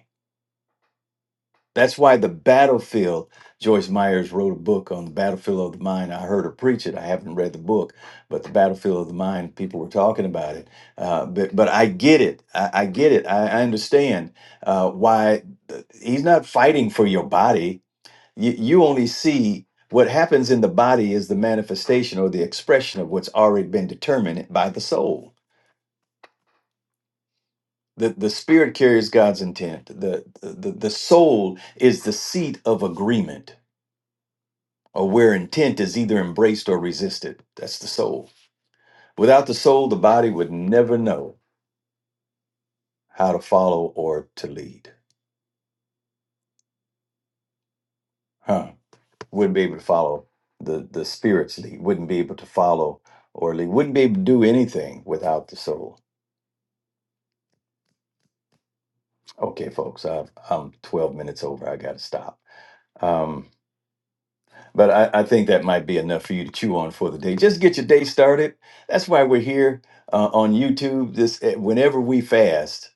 E: That's why the battlefield, Joyce Myers wrote a book on the battlefield of the mind. I heard her preach it. I haven't read the book, but the battlefield of the mind, people were talking about it. Uh, but, but I get it. I, I get it. I, I understand uh, why he's not fighting for your body. You, you only see what happens in the body is the manifestation or the expression of what's already been determined by the soul. The, the spirit carries God's intent. The, the, the soul is the seat of agreement or where intent is either embraced or resisted. That's the soul. Without the soul, the body would never know how to follow or to lead. Huh. Wouldn't be able to follow the, the spirit's lead, wouldn't be able to follow or lead, wouldn't be able to do anything without the soul. Okay, folks, I've, I'm 12 minutes over. I got to stop. Um, But I, I think that might be enough for you to chew on for the day. Just get your day started. That's why we're here uh, on YouTube. This eh, whenever we fast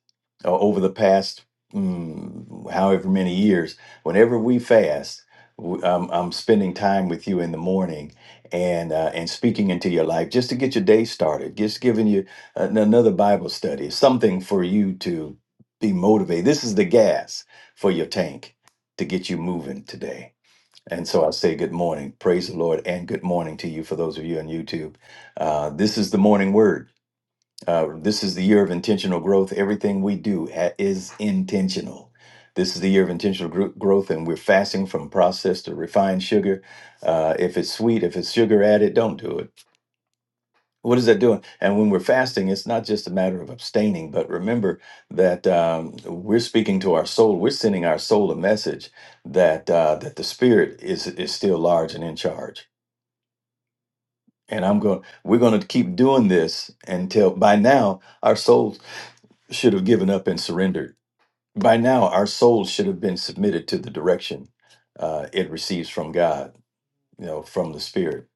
E: uh, over the past mm, however many years, whenever we fast, w- um, I'm spending time with you in the morning and uh, and speaking into your life just to get your day started. Just giving you an- another Bible study, something for you to be motivated. This is the gas for your tank to get you moving today. And so I say good morning. Praise the Lord and good morning to you for those of you on YouTube. Uh, this is the morning word. Uh, this is the year of intentional growth. Everything we do ha- is intentional. This is the year of intentional gro- growth, and we're fasting from processed or refined sugar. Uh, if it's sweet, if it's sugar added, don't do it what is that doing? And when we're fasting, it's not just a matter of abstaining, but remember that um, we're speaking to our soul. We're sending our soul a message that uh, that the spirit is is still large and in charge. And I'm going. We're going to keep doing this until by now our souls should have given up and surrendered. By now our souls should have been submitted to the direction uh, it receives from God. You know, from the spirit.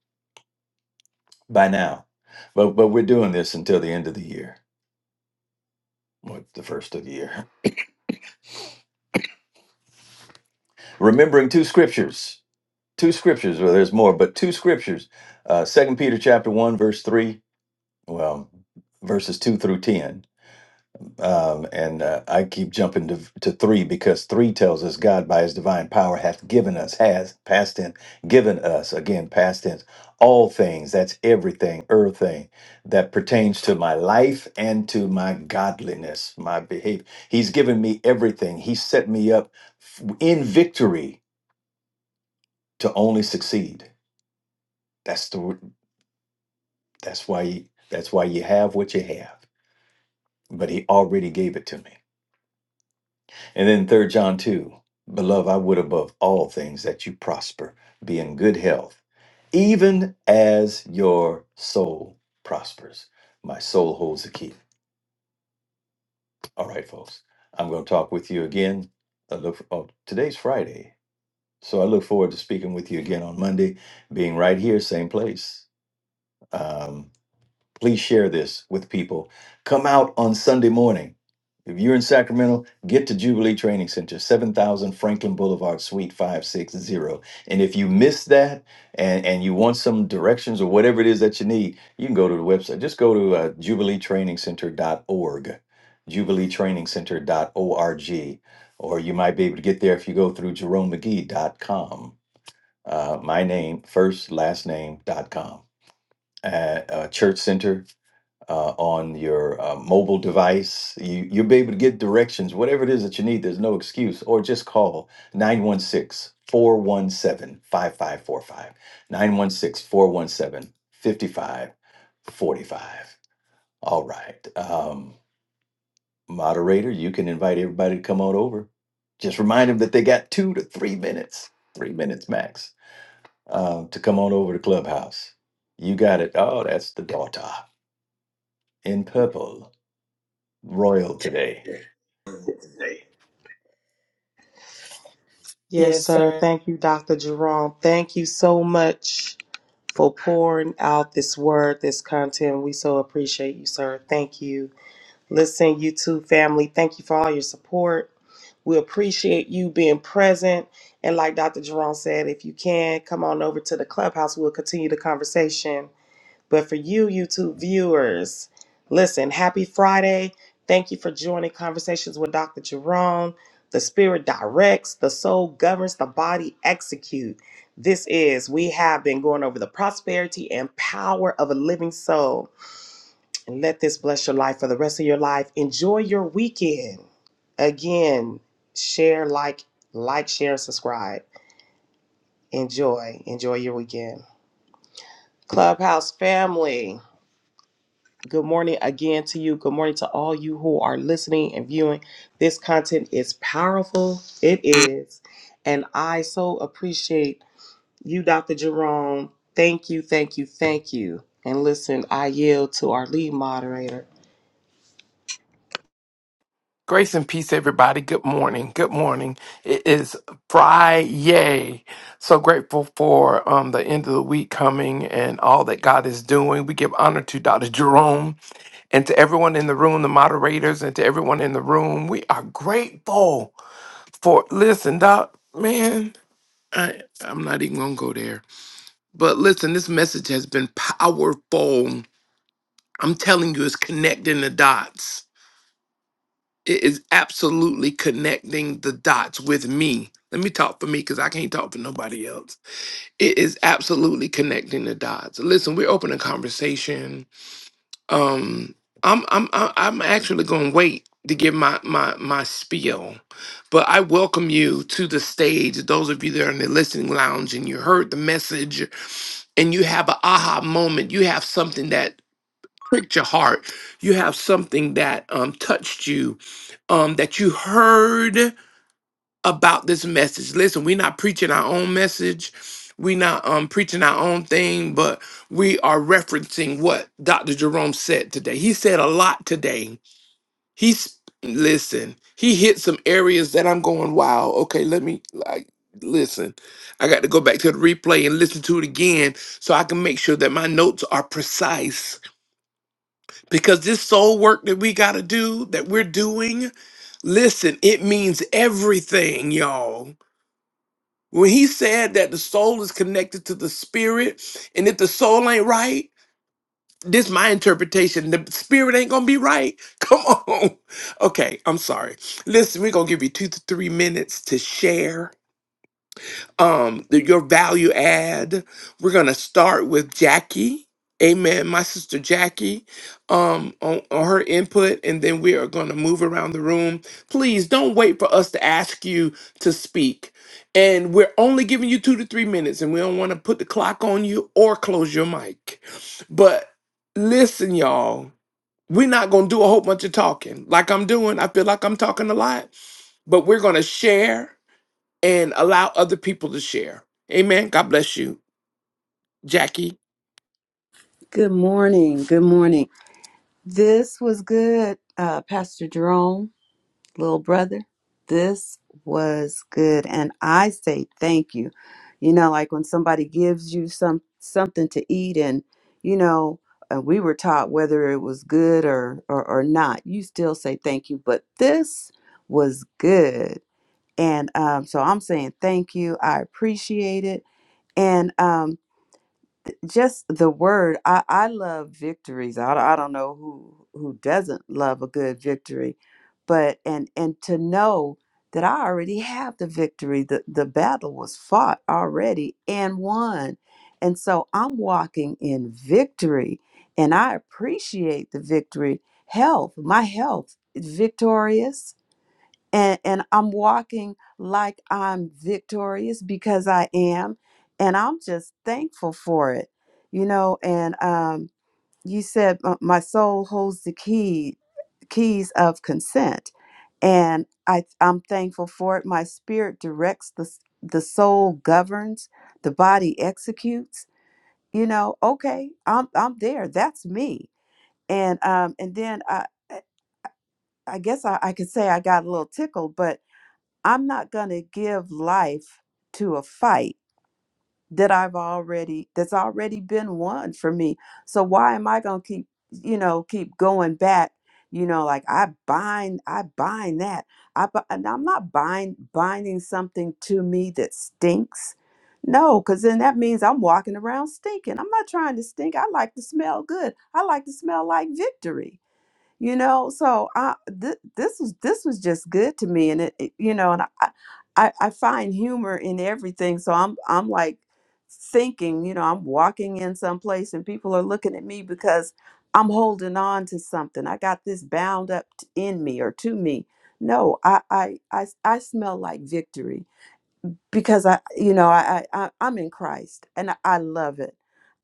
E: By now, but but we're doing this until the end of the year. What the first of the year. remembering two scriptures two scriptures well there's more but two scriptures uh second peter chapter 1 verse 3 well verses 2 through 10 um and uh, i keep jumping to, to 3 because 3 tells us god by his divine power hath given us has past tense given us again past tense all things that's everything earth thing that pertains to my life and to my godliness my behavior he's given me everything he set me up f- in victory to only succeed. That's the that's why you, that's why you have what you have. But he already gave it to me. And then third John 2, beloved, I would above all things that you prosper, be in good health, even as your soul prospers. My soul holds the key. All right, folks. I'm going to talk with you again. I look oh, today's Friday. So I look forward to speaking with you again on Monday, being right here, same place. Um, Please share this with people. Come out on Sunday morning. If you're in Sacramento, get to Jubilee Training Center, 7000 Franklin Boulevard, Suite 560. And if you miss that and, and you want some directions or whatever it is that you need, you can go to the website. Just go to uh, jubilee training center dot o r g. or you might be able to get there if you go through jerome mcgee jeromemcgee.com. Uh, my name, first, last name, dot com. Uh, uh, church Center uh, on your uh, mobile device. You, you'll be able to get directions, whatever it is that you need. There's no excuse. Or just call 916 417 All right. Um, moderator, you can invite everybody to come on over. Just remind them that they got two to three minutes, three minutes max, uh, to come on over to Clubhouse. You got it. Oh, that's the daughter in purple. royal today.
C: Yes,
E: Yes,
C: sir.
E: sir.
C: Thank you, Dr. Jerome. Thank you so much for pouring out this word, this content. We so appreciate you, sir. Thank you. Listen, you too, family. Thank you for all your support. We appreciate you being present. And like Dr. Jerome said, if you can, come on over to the clubhouse. We'll continue the conversation. But for you, YouTube viewers, listen, happy Friday. Thank you for joining Conversations with Dr. Jerome. The spirit directs, the soul governs, the body execute. This is, we have been going over the prosperity and power of a living soul. And let this bless your life for the rest of your life. Enjoy your weekend. Again, share, like, like, share, subscribe. Enjoy. Enjoy your weekend. Clubhouse family. Good morning again to you. Good morning to all you who are listening and viewing. This content is powerful. It is. And I so appreciate you, Dr. Jerome. Thank you, thank you, thank you. And listen, I yield to our lead moderator.
A: Grace and peace, everybody. Good morning. Good morning. It is Friday. So grateful for um, the end of the week coming and all that God is doing. We give honor to Dr. Jerome and to everyone in the room, the moderators, and to everyone in the room. We are grateful for, listen, Doc, man, I, I'm not even going to go there. But listen, this message has been powerful. I'm telling you, it's connecting the dots It is absolutely connecting the dots with me. Let me talk for me because I can't talk for nobody else. It is absolutely connecting the dots. Listen, we're open a conversation. Um, I'm I'm I'm I'm actually going to wait to give my my my spiel, but I welcome you to the stage. Those of you that are in the listening lounge and you heard the message, and you have a aha moment. You have something that pricked your heart. You have something that um, touched you, um, that you heard about this message. Listen, we're not preaching our own message. We're not um, preaching our own thing, but we are referencing what Dr. Jerome said today. He said a lot today. He's listen. He hit some areas that I'm going, wow. Okay, let me like listen. I got to go back to the replay and listen to it again so I can make sure that my notes are precise because this soul work that we got to do, that we're doing, listen, it means everything, y'all. When he said that the soul is connected to the spirit, and if the soul ain't right, this my interpretation. The spirit ain't gonna be right. Come on. Okay, I'm sorry. Listen, we're gonna give you two to three minutes to share um the- your value add we're gonna start with jackie amen my sister jackie um on, on her input and then we are gonna move around the room please don't wait for us to ask you to speak and we're only giving you two to three minutes and we don't want to put the clock on you or close your mic but listen y'all we're not gonna do a whole bunch of talking like i'm doing i feel like i'm talking a lot but we're gonna share and allow other people to share. Amen. God bless you, Jackie.
F: Good morning. Good morning. This was good, uh, Pastor Jerome, little brother. This was good, and I say thank you. You know, like when somebody gives you some something to eat, and you know, uh, we were taught whether it was good or, or or not, you still say thank you. But this was good, and um, so I'm saying thank you. I appreciate it, and um, just the word i i love victories i, I don't know who who doesn't love a good victory but and and to know that i already have the victory the the battle was fought already and won and so i'm walking in victory and i appreciate the victory health my health is victorious and and I'm walking like I'm victorious because I am and I'm just thankful for it you know and um you said "Uh, my soul holds the key keys of consent and I I'm thankful for it my spirit directs the s- the soul governs the body executes you know okay I'm I'm there that's me and um and then I I I guess I, I could say I got a little tickled but I'm not going to give life to a fight that I've already that's already been won for me. So why am I going to keep, you know, keep going back, you know, like I bind I bind that. I bu- and I'm not bind binding something to me that stinks. No, cuz then that means I'm walking around stinking. I'm not trying to stink. I like to smell good. I like to smell like victory you know so i th- this was this was just good to me and it, it- you know and I, I i find humor in everything so i'm i'm like thinking you know i'm walking in some place and people are looking at me because i'm holding on to something i got this bound up t- in me or to me no i i i, I smell like victory because I, you know, I, I I- I'm in Christ and I I love it.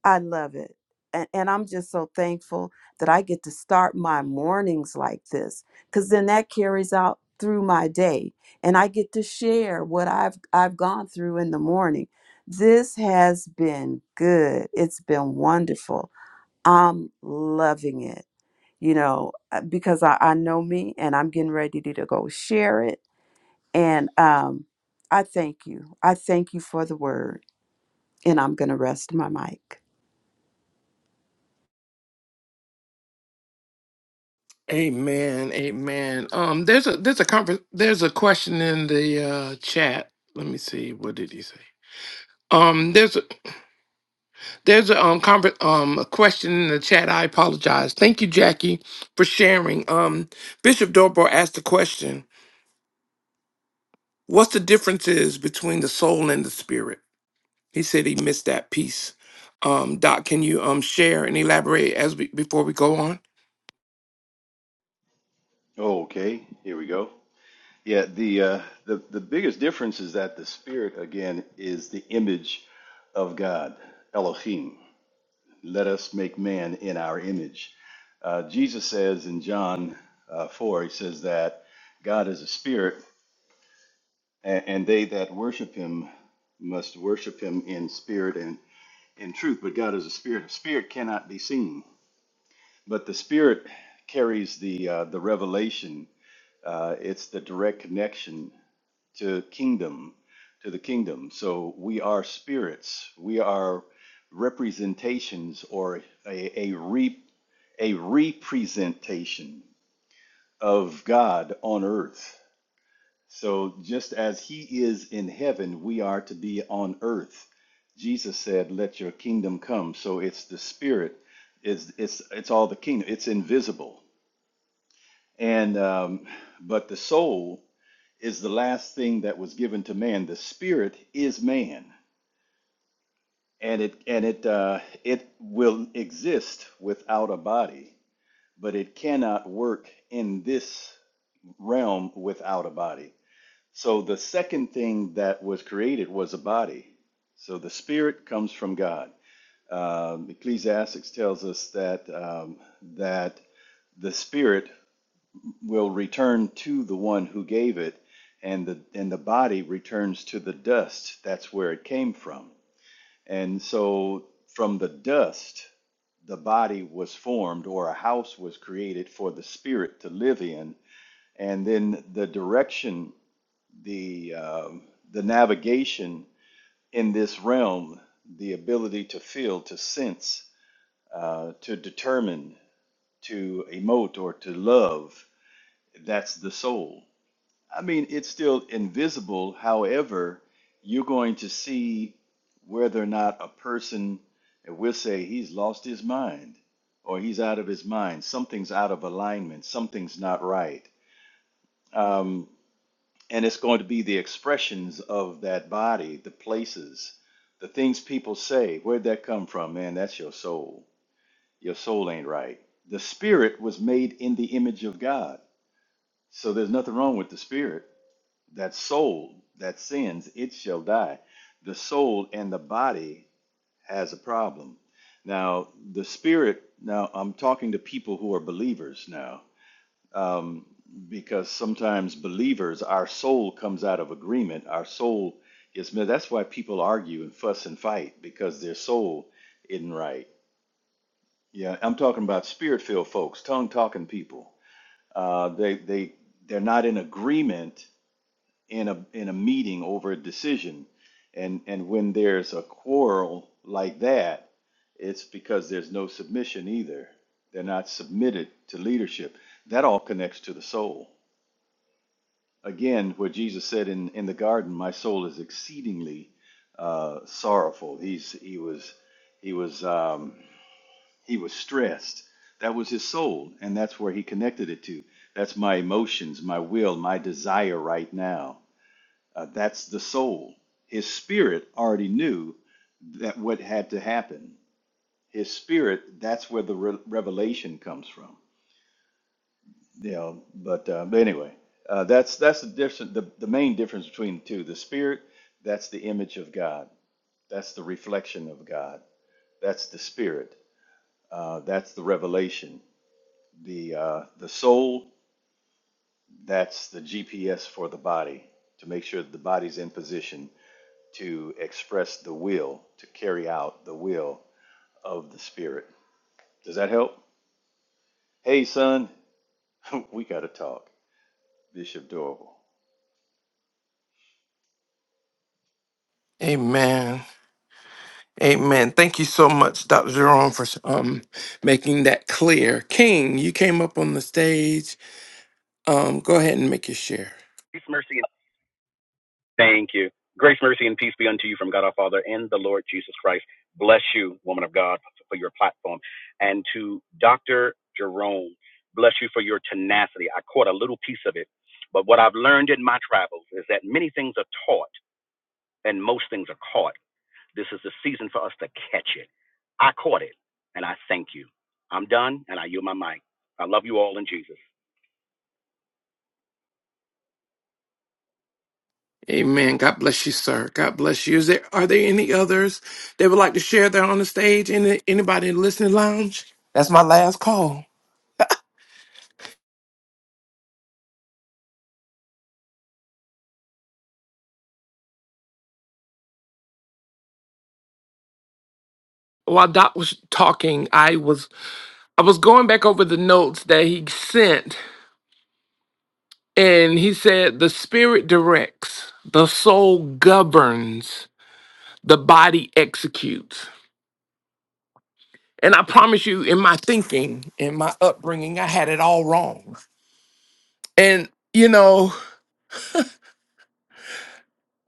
F: I love it. And, and I'm just so thankful that I get to start my mornings like this because then that carries out through my day and I get to share what I've I've gone through in the morning. This has been good. It's been wonderful. I'm loving it, you know, uh, because I, I know me and I'm getting ready to go share it and um, I thank you. I thank you for the word. And I'm going to rest my mic.
A: Amen. Amen. Um, there's a there's a conference there's a question in the uh, chat. Let me see. What did he say? Um, there's a, there's a um conver- um a question in the chat. I apologize. Thank you, Jackie, for sharing. Um, Bishop Dorbo asked the question: What's the differences between the soul and the spirit? He said he missed that piece. Um, Doc, can you um share and elaborate as we before we go on?
E: Okay, here we go. Yeah, the uh, the the biggest difference is that the spirit again is the image of God, Elohim. Let us make man in our image. Uh, Jesus says in John uh, four, he says that God is a spirit, and, and they that worship Him must worship Him in spirit and in truth. But God is a spirit. Spirit cannot be seen. But the Spirit carries the uh, the revelation. Uh, it's the direct connection to kingdom, to the kingdom. So we are spirits. We are representations or a a re a representation of God on earth. So just as he is in heaven, we are to be on earth. Jesus said, "Let your kingdom come." So it's the spirit. It's it's it's all the kingdom. It's invisible, and um, but the soul is the last thing that was given to man. The spirit is man, and it and it uh, it will exist without a body, but it cannot work in this realm without a body. So the second thing that was created was a body. So the spirit comes from God. Um, Ecclesiastics tells us that um, that the spirit will return to the one who gave it, and the and the body returns to the dust. That's where it came from. And so from the dust, the body was formed, or a house was created for the spirit to live in and then the direction, the um, the navigation in this realm, the ability to feel, to sense, uh, to determine, to emote, or to love. That's the soul. I mean, it's still invisible. However, you're going to see whether or not a person, and we'll say he's lost his mind or he's out of his mind. Something's out of alignment. Something's not right. Um, and it's going to be the expressions of that body, the places, the things people say. Where'd that come from, man? That's your soul. Your soul ain't right. The spirit was made in the image of God, so there's nothing wrong with the spirit. That soul that sins, it shall die. The soul and the body has a problem. Now, the spirit. Now, I'm talking to people who are believers now um, because sometimes believers, our soul comes out of agreement. Our soul is that's why people argue and fuss and fight because their soul isn't right. Yeah, I'm talking about spirit-filled folks, tongue-talking people. Uh, they they they're not in agreement in a in a meeting over a decision, and and when there's a quarrel like that, it's because there's no submission either. They're not submitted to leadership. That all connects to the soul. Again, what Jesus said in, in the garden, my soul is exceedingly uh, sorrowful. He's, he was, he was, um, he was stressed. That was his soul, and that's where he connected it to. That's my emotions, my will, my desire right now. Uh, that's the soul. His spirit already knew that what had to happen. His spirit, that's where the re- revelation comes from you know, but uh, but anyway, uh, that's that's the difference. The, the main difference between the two, the spirit, that's the image of God, that's the reflection of God, that's the spirit, uh, that's the revelation. The uh, the soul, that's the GPS for the body to make sure that the body's in position to express the will, to carry out the will of the spirit. Does that help? Hey, son, we got to talk, Bishop Dorval.
A: Amen. Amen. Thank you so much, Dr. Jerome, for um making that clear. King, you came up on the stage. Um, go ahead and make your share.
G: Grace, mercy, and thank you. Grace, mercy, and peace be unto you from God our Father and the Lord Jesus Christ. Bless you, woman of God, for your platform. And to Dr. Jerome, bless you for your tenacity. I caught a little piece of it. But what I've learned in my travels is that many things are taught and most things are caught. This is the season for us to catch it. I caught it, and I thank you. I'm done, and I yield my mic. I love you all in Jesus.
A: Amen. God bless you, sir. God bless you. Is there are there any others that would like to share that on the stage? Any anybody in the listening lounge? That's my last call. While Doc was talking, I was I was going back over the notes that he sent, and he said the spirit directs, the soul governs the body executes. And I promise you, in my thinking, in my upbringing, I had it all wrong. And, you know,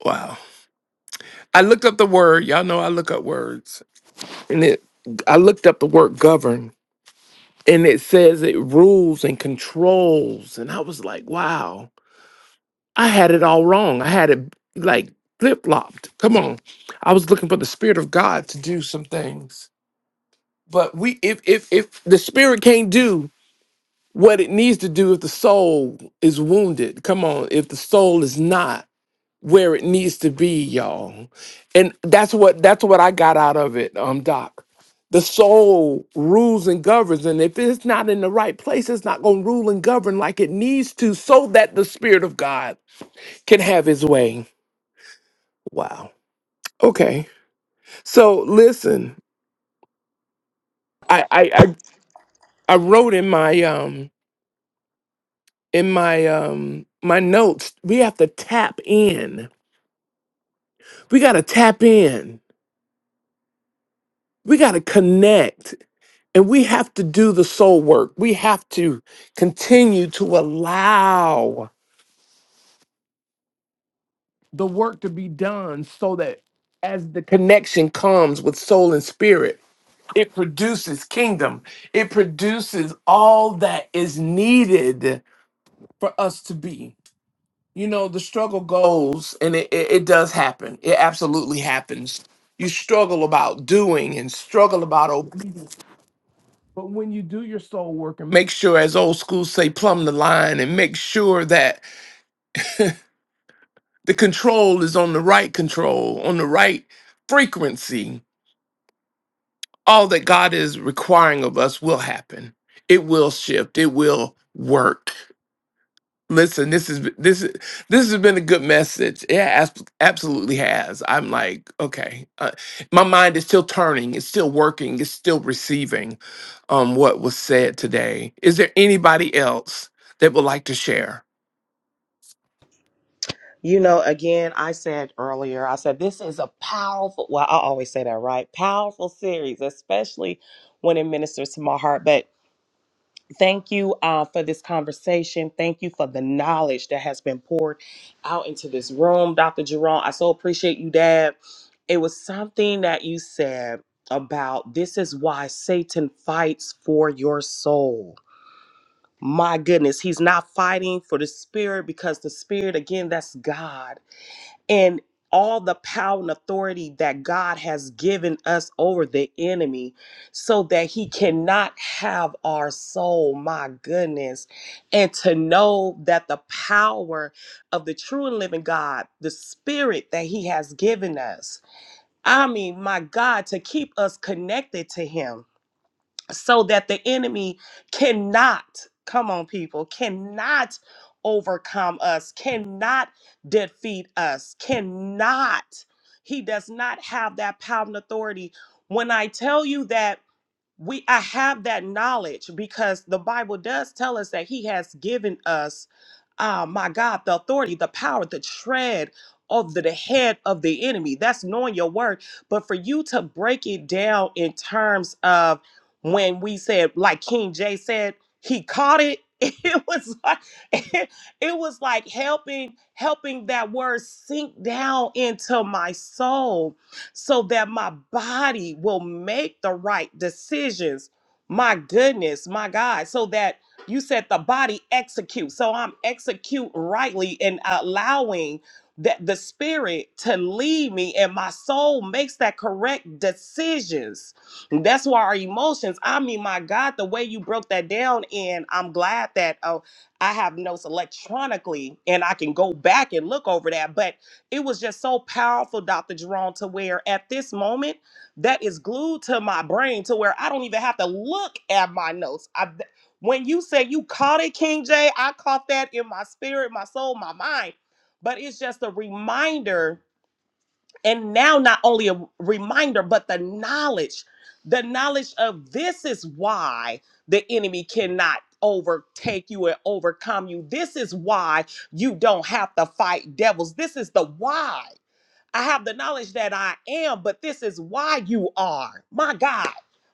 A: wow. I looked up the word, y'all know I look up words, and it, I looked up the word govern, and it says it rules and controls. And I was like, wow, I had it all wrong. I had it like flip flopped. Come on. I was looking for the Spirit of God to do some things. But we, if if if the Spirit can't do what it needs to do if the soul is wounded. Come on, if the soul is not where it needs to be, y'all. And that's what that's what I got out of it, um, Doc. The soul rules and governs, and if it's not in the right place, it's not gonna rule and govern like it needs to, so that the spirit of God can have his way. Wow. Okay. So listen, I I I, I wrote in my um in my um my notes, we have to tap in We got to tap in. We got to connect. And we have to do the soul work. We have to continue to allow the work to be done so that as the connection comes with soul and spirit, it produces kingdom. It produces all that is needed for us to be. You know, the struggle goes and it, it, it does happen. It absolutely happens. You struggle about doing and struggle about obedience But when you do your soul work and Make sure, as old school say, plumb the line and make sure that the control is on the right control, on the right frequency. All that God is requiring of us will happen. It will shift. It will work. Listen, this is this is this has been a good message. Yeah, abs- absolutely has. I'm like, okay, uh, my mind is still turning, it's still working, it's still receiving um what was said today. Is there anybody else that would like to share?
C: You know, again, I said earlier, I said this is a powerful, well, I always say that, right? Powerful series, especially when it ministers to my heart. but. Thank you uh, for this conversation. Thank you for the knowledge that has been poured out into this room, Dr. Jerome. I so appreciate you, Dad. It was something that you said about this is why Satan fights for your soul. My goodness, he's not fighting for the spirit because the spirit, again, that's God and all the power and authority that God has given us over the enemy so that he cannot have our soul. My goodness. And to know that the power of the true and living God, the spirit that he has given us, I mean, my God, to keep us connected to him so that the enemy cannot come on people cannot overcome us cannot defeat us cannot he does not have that power and authority when i tell you that we i have that knowledge because the bible does tell us that he has given us ah, my God, the authority, the power, the tread of the, the head of the enemy. That's knowing your word. But for you to break it down in terms of when we said, like King Jay said, he caught it. It was like it, was like helping helping that word sink down into my soul so that my body will make the right decisions. My goodness, my God, so that you said the body execute. So I'm execute rightly and allowing that the spirit to lead me and my soul makes that correct decisions. And that's why our emotions, I mean, my God, the way you broke that down and I'm glad that oh I have notes electronically and I can go back and look over that. But it was just so powerful, Dr. Jerome, to where at this moment that is glued to my brain to where I don't even have to look at my notes. When you said you caught it, King J, I caught that in my spirit, my soul, my mind. But it's just a reminder, and now not only a reminder, but the knowledge, the knowledge of this is why the enemy cannot overtake you and overcome you. This is why you don't have to fight devils. This is the why. I have the knowledge that I am, but this is why you are. My God.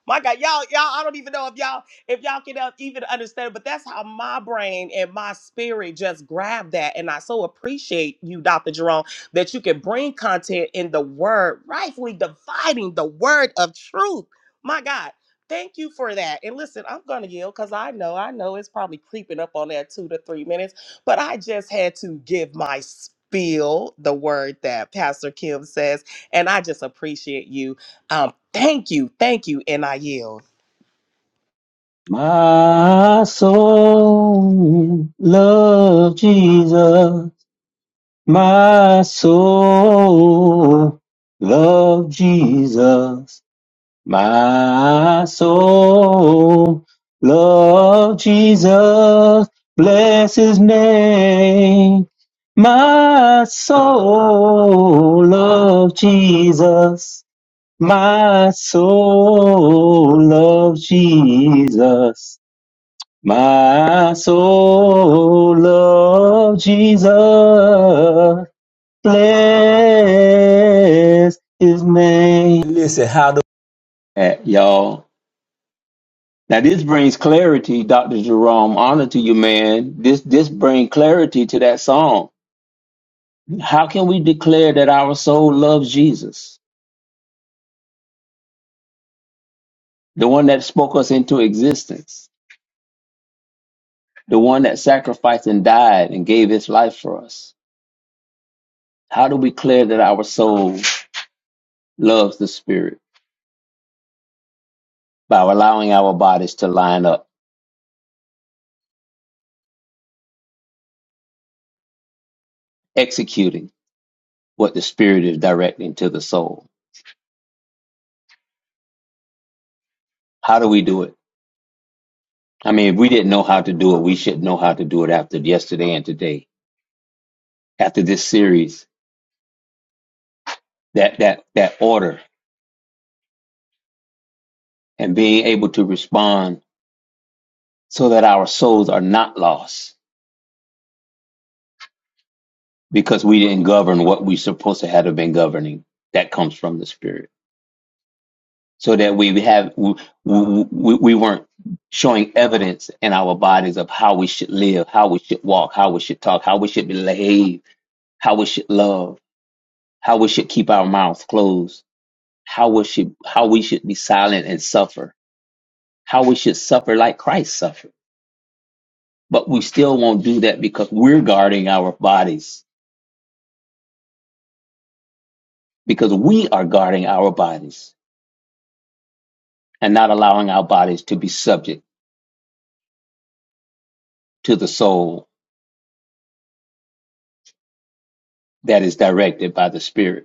C: My God, y'all, y'all, I don't even know if y'all, if y'all can uh, even understand, but that's how my brain and my spirit just grabbed that. And I so appreciate you, Dr. Jerome, that you can bring content in the word, rightfully dividing the word of truth. My God, thank you for that. And listen, I'm gonna yield because I know, I know it's probably creeping up on that two to three minutes. But I just had to give my spiel, the word that Pastor Kim says, and I just appreciate you. Um, thank you, thank you, and I yield.
H: My soul love Jesus. My soul love Jesus. My soul love Jesus. Bless his name. My soul love Jesus. My soul love Jesus. My soul loves Jesus. Bless his name. Listen, how do At, y'all. Now this brings clarity, Dr. Jerome. Honor to you, man. This this brings clarity to that song. How can we declare that our soul loves Jesus? The one that spoke us into existence, the one that sacrificed and died and gave his life for us. How do we declare that our soul loves the Spirit? by allowing our bodies to line up, executing what the spirit is directing to the soul. How do we do it? I mean, if we didn't know how to do it, we should know how to do it after yesterday and today, after this series, that, that, that order and being able to respond so that our souls are not lost because we didn't govern what we supposed to have been governing. That comes from the spirit. so that we have we, we, we weren't showing evidence in our bodies of how we should live, how we should walk, how we should talk, how we should behave, how we should love, how we should keep our mouths closed, how we should how we should be silent and suffer, how we should suffer like Christ suffered. But we still won't do that because we're guarding our bodies, because we are guarding our bodies and not allowing our bodies to be subject to the soul that is directed by the Spirit.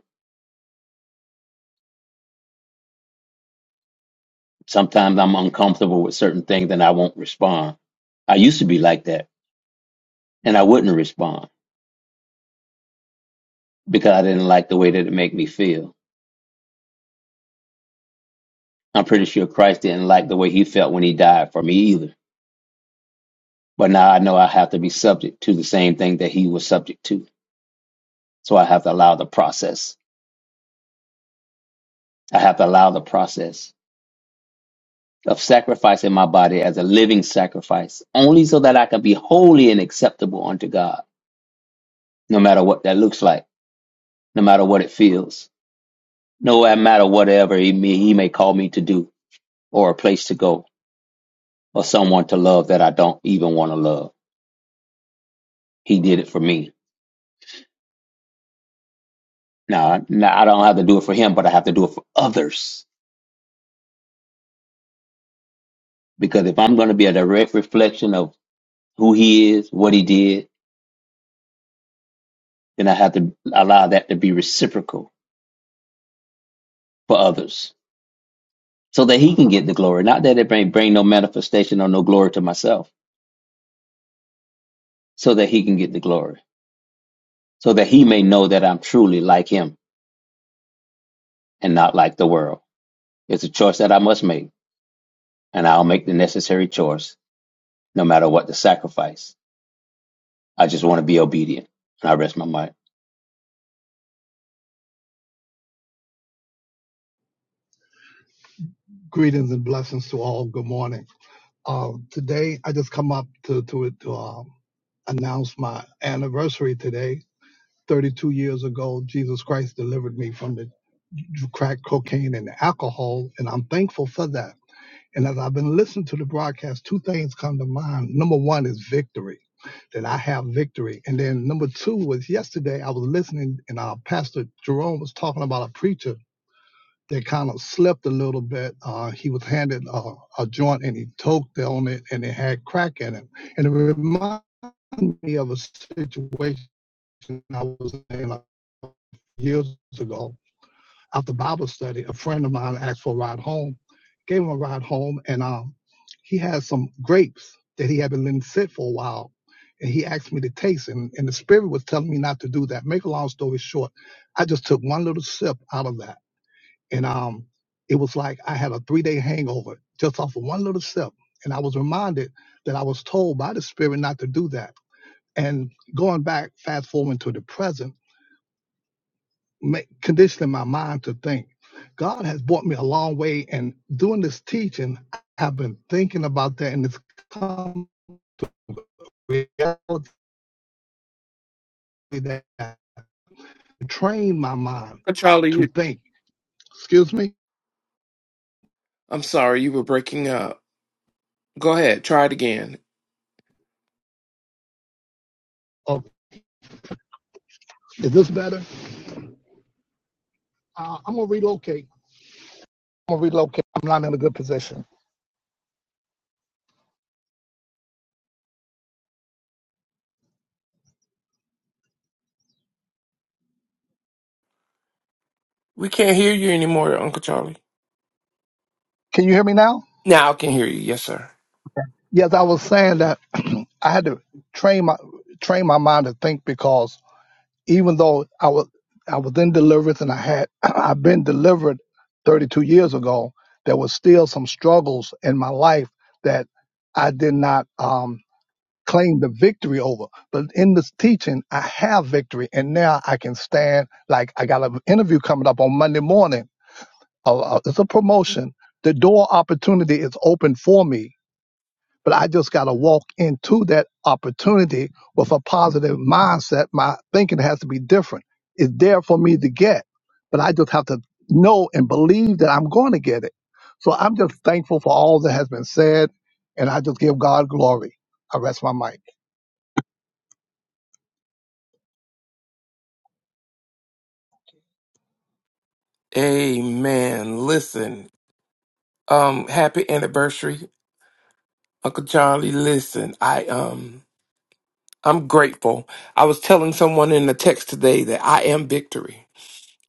H: Sometimes I'm uncomfortable with certain things and I won't respond. I used to be like that and I wouldn't respond because I didn't like the way that it made me feel. I'm pretty sure Christ didn't like the way he felt when he died for me either. But now I know I have to be subject to the same thing that he was subject to. So I have to allow the process. I have to allow the process of sacrificing my body as a living sacrifice only so that I can be holy and acceptable unto God, no matter what that looks like, no matter what it feels no no matter whatever he may, he may call me to do or a place to go or someone to love that I don't even want to love. He did it for me. Now, now I don't have to do it for him, but I have to do it for others because if I'm going to be a direct reflection of who he is, what he did, then I have to allow that to be reciprocal for others so that he can get the glory. Not that it may bring no manifestation or no glory to myself so that he can get the glory so that he may know that I'm truly like him and not like the world. It's a choice that I must make, and I'll make the necessary choice, no matter what the sacrifice. I just want to be obedient, and I rest my mind.
I: Greetings and blessings to all. Good morning. Um, today, I just come up to to, to um, announce my anniversary today. 32 years ago, Jesus Christ delivered me from the crack cocaine and alcohol, and I'm thankful for that. And as I've been listening to the broadcast, two things come to mind. Number one is victory, that I have victory. And then number two was yesterday, I was listening, and our pastor Jerome was talking about a preacher they kind of slipped a little bit. Uh, he was handed a, a joint and he toked on it and it had crack in it. And it reminded me of a situation I was in a few years ago after Bible study. A friend of mine asked for a ride home, gave him a ride home, and um, he had some grapes that he had been letting sit for a while. And he asked me to taste, and, and the spirit was telling me not to do that. Make a long story short, I just took one little sip out of that and um, it was like I had a three day hangover just off of one little sip, and I was reminded that I was told by the Spirit not to do that. And going back, fast forwarding to the present, ma- conditioning my mind to think, God has brought me a long way, and doing this teaching, I've been thinking about that, and it's come reality that I trained my mind
A: Uh, Charlie,
I: to
A: you,
I: think. Excuse me.
A: I'm sorry, you were breaking up. Go ahead, try it again.
I: Oh, is this better? Uh, I'm gonna relocate. I'm gonna relocate. I'm not in a good position.
A: We can't hear you anymore, Uncle Charlie.
I: Can you hear me now?
A: Now I can hear you. Yes, sir.
I: Yes, I was saying that I had to train my train my mind to think because even though I was I was in deliverance and I had I've been delivered 32 years ago, there was still some struggles in my life that I did not um, claim the victory over. But in this teaching, I have victory, and now I can stand. Like I got an interview coming up on Monday morning. Uh, uh, it's a promotion. The door opportunity is open for me but I just got to walk into that opportunity with a positive mindset. My thinking has to be different. It's there for me to get, but I just have to know and believe that I'm going to get it. So I'm just thankful for all that has been said, and I just give God glory. I rest my mic.
A: Amen. Listen, um, happy anniversary, Uncle Charlie. Listen, I um, I'm grateful. I was telling someone in the text today that I am victory.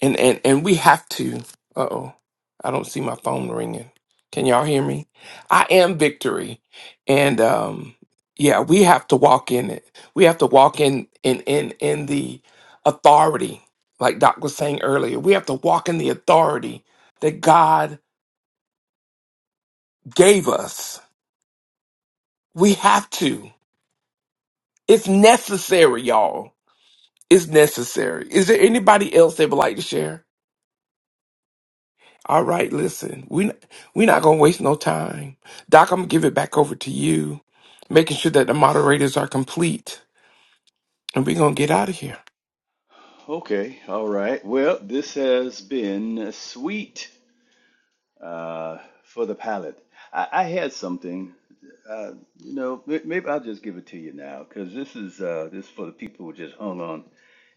A: and and and we have to. Uh oh, I don't see my phone ringing. Can y'all hear me? I am victory, and um, yeah, we have to walk in it. We have to walk in in in in the authority, like Doc was saying earlier. We have to walk in the authority that God gave us. We have to. It's necessary, y'all. It's necessary. Is there anybody else that would like to share? All right, listen, we we're not gonna waste no time. Doc, I'm gonna give it back over to you, making sure that the moderators are complete, and we're gonna get out of here.
E: Okay, all right. Well, this has been sweet uh, for the palate. I, I had something, uh, you know, may- maybe I'll just give it to you now because this is uh, this is for the people who just hung on,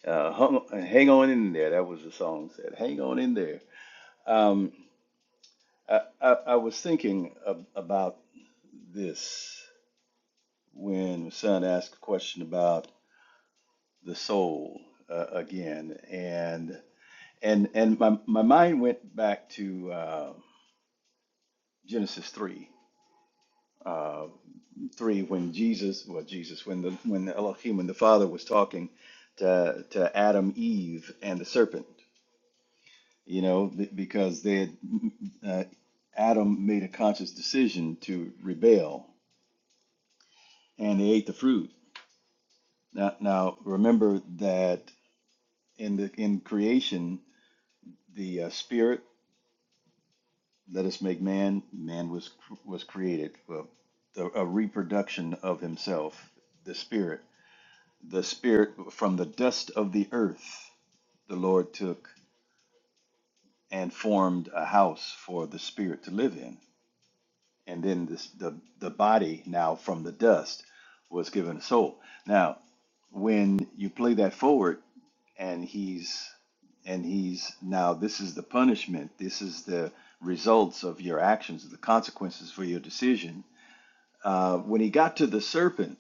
E: uh, hung, hang on in there. That was the song said, "Hang on in there." Um, I, I, I was thinking ab- about this when the son asked a question about the soul uh, again, and and my my mind went back to uh, Genesis three, uh, three when Jesus, well Jesus, when the when the Elohim, when the Father was talking to to Adam, Eve, and the serpent, you know, th- because they had, uh, Adam made a conscious decision to rebel, and they ate the fruit. Now now remember that in the in creation, the uh, spirit. Let us make man. Man was was created for the, a reproduction of himself, the spirit, the spirit from the dust of the earth. The Lord took and formed a house for the spirit to live in and then this, the the body now from the dust was given a soul. Now, when you play that forward, and he's and he's now this is the punishment. This is the results of your actions, the consequences for your decision. Uh, when he got to the serpent,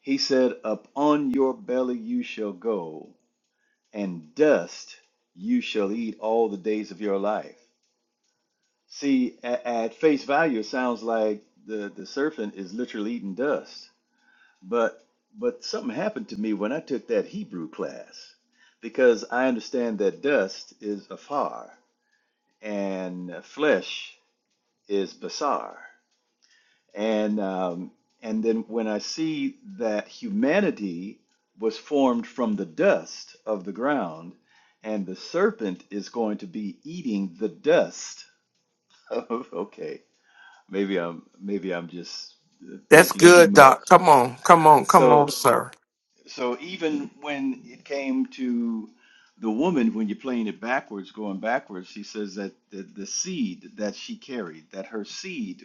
E: he said, "Upon your belly you shall go, and dust you shall eat all the days of your life." See, at, at face value, it sounds like the, the serpent is literally eating dust. But but something happened to me when I took that Hebrew class because I understand that dust is afar and flesh is basar. And um, and then when I see that humanity was formed from the dust of the ground, and the serpent is going to be eating the dust. of, okay Maybe I'm maybe I'm just uh,
A: That's
E: thinking too
A: good, Doc.
E: much.
A: Come on, come on, come on,
E: So
A: sir.
E: so even when it came to the woman, when you're playing it backwards, going backwards, he says that the, the seed that she carried, that her seed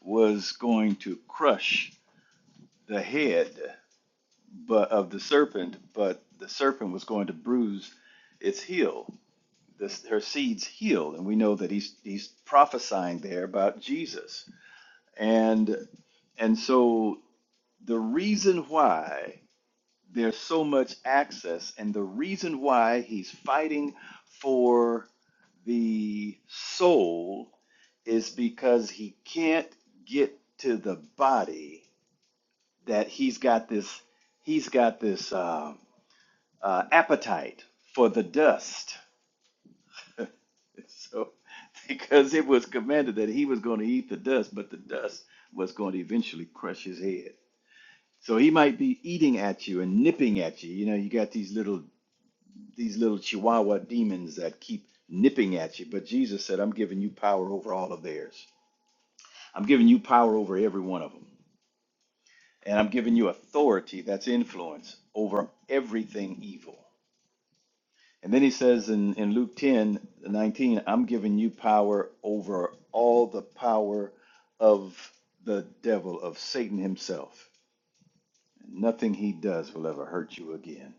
E: was going to crush the head but of the serpent, but the serpent was going to bruise its heel, this, her seed's heel, and we know that he's he's prophesying there about Jesus And and so the reason why there's so much access and the reason why he's fighting for the soul is because he can't get to the body that he's got this he's got this um uh, appetite for the dust so because it was commanded that he was going to eat the dust but the dust was going to eventually crush his head So he might be eating at you and nipping at you. You know, you got these little these little Chihuahua de- keep nipping at you. Jesus says, I'm giving you power over every one of them, and I'm giving you authority that's influence over everything evil. And then he says in, in Luke 10, 19, I'm giving you power over all the power of the devil, of Satan himself. Nothing he does will ever hurt you again.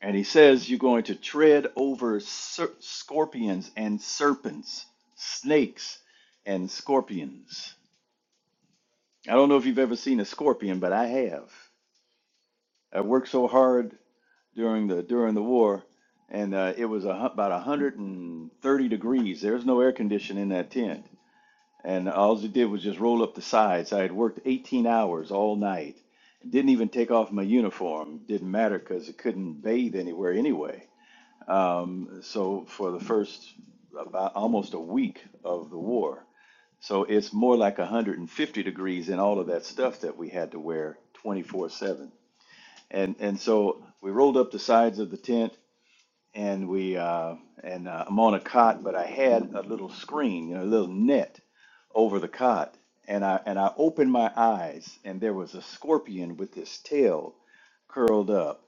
E: And he says you're going to tread over ser- scorpions and serpents, snakes and scorpions. I don't know if you've ever seen a scorpion, but I have. I worked so hard during the during the war, and uh, it was a, hu- about 130 degrees. There was no air conditioning in that tent, and all it did was just roll up the sides. I had worked 18 hours all night, didn't even take off my uniform. Didn't matter because it couldn't bathe anywhere anyway um, so for the first about almost a week of the war. So it's more like 150 degrees in all of that stuff that we had to wear 24/7. And and so we rolled up the sides of the tent and we uh, and uh, I'm on a cot, but I had a little screen, you know, a little net over the cot. And I and I opened my eyes and there was a scorpion with his tail curled up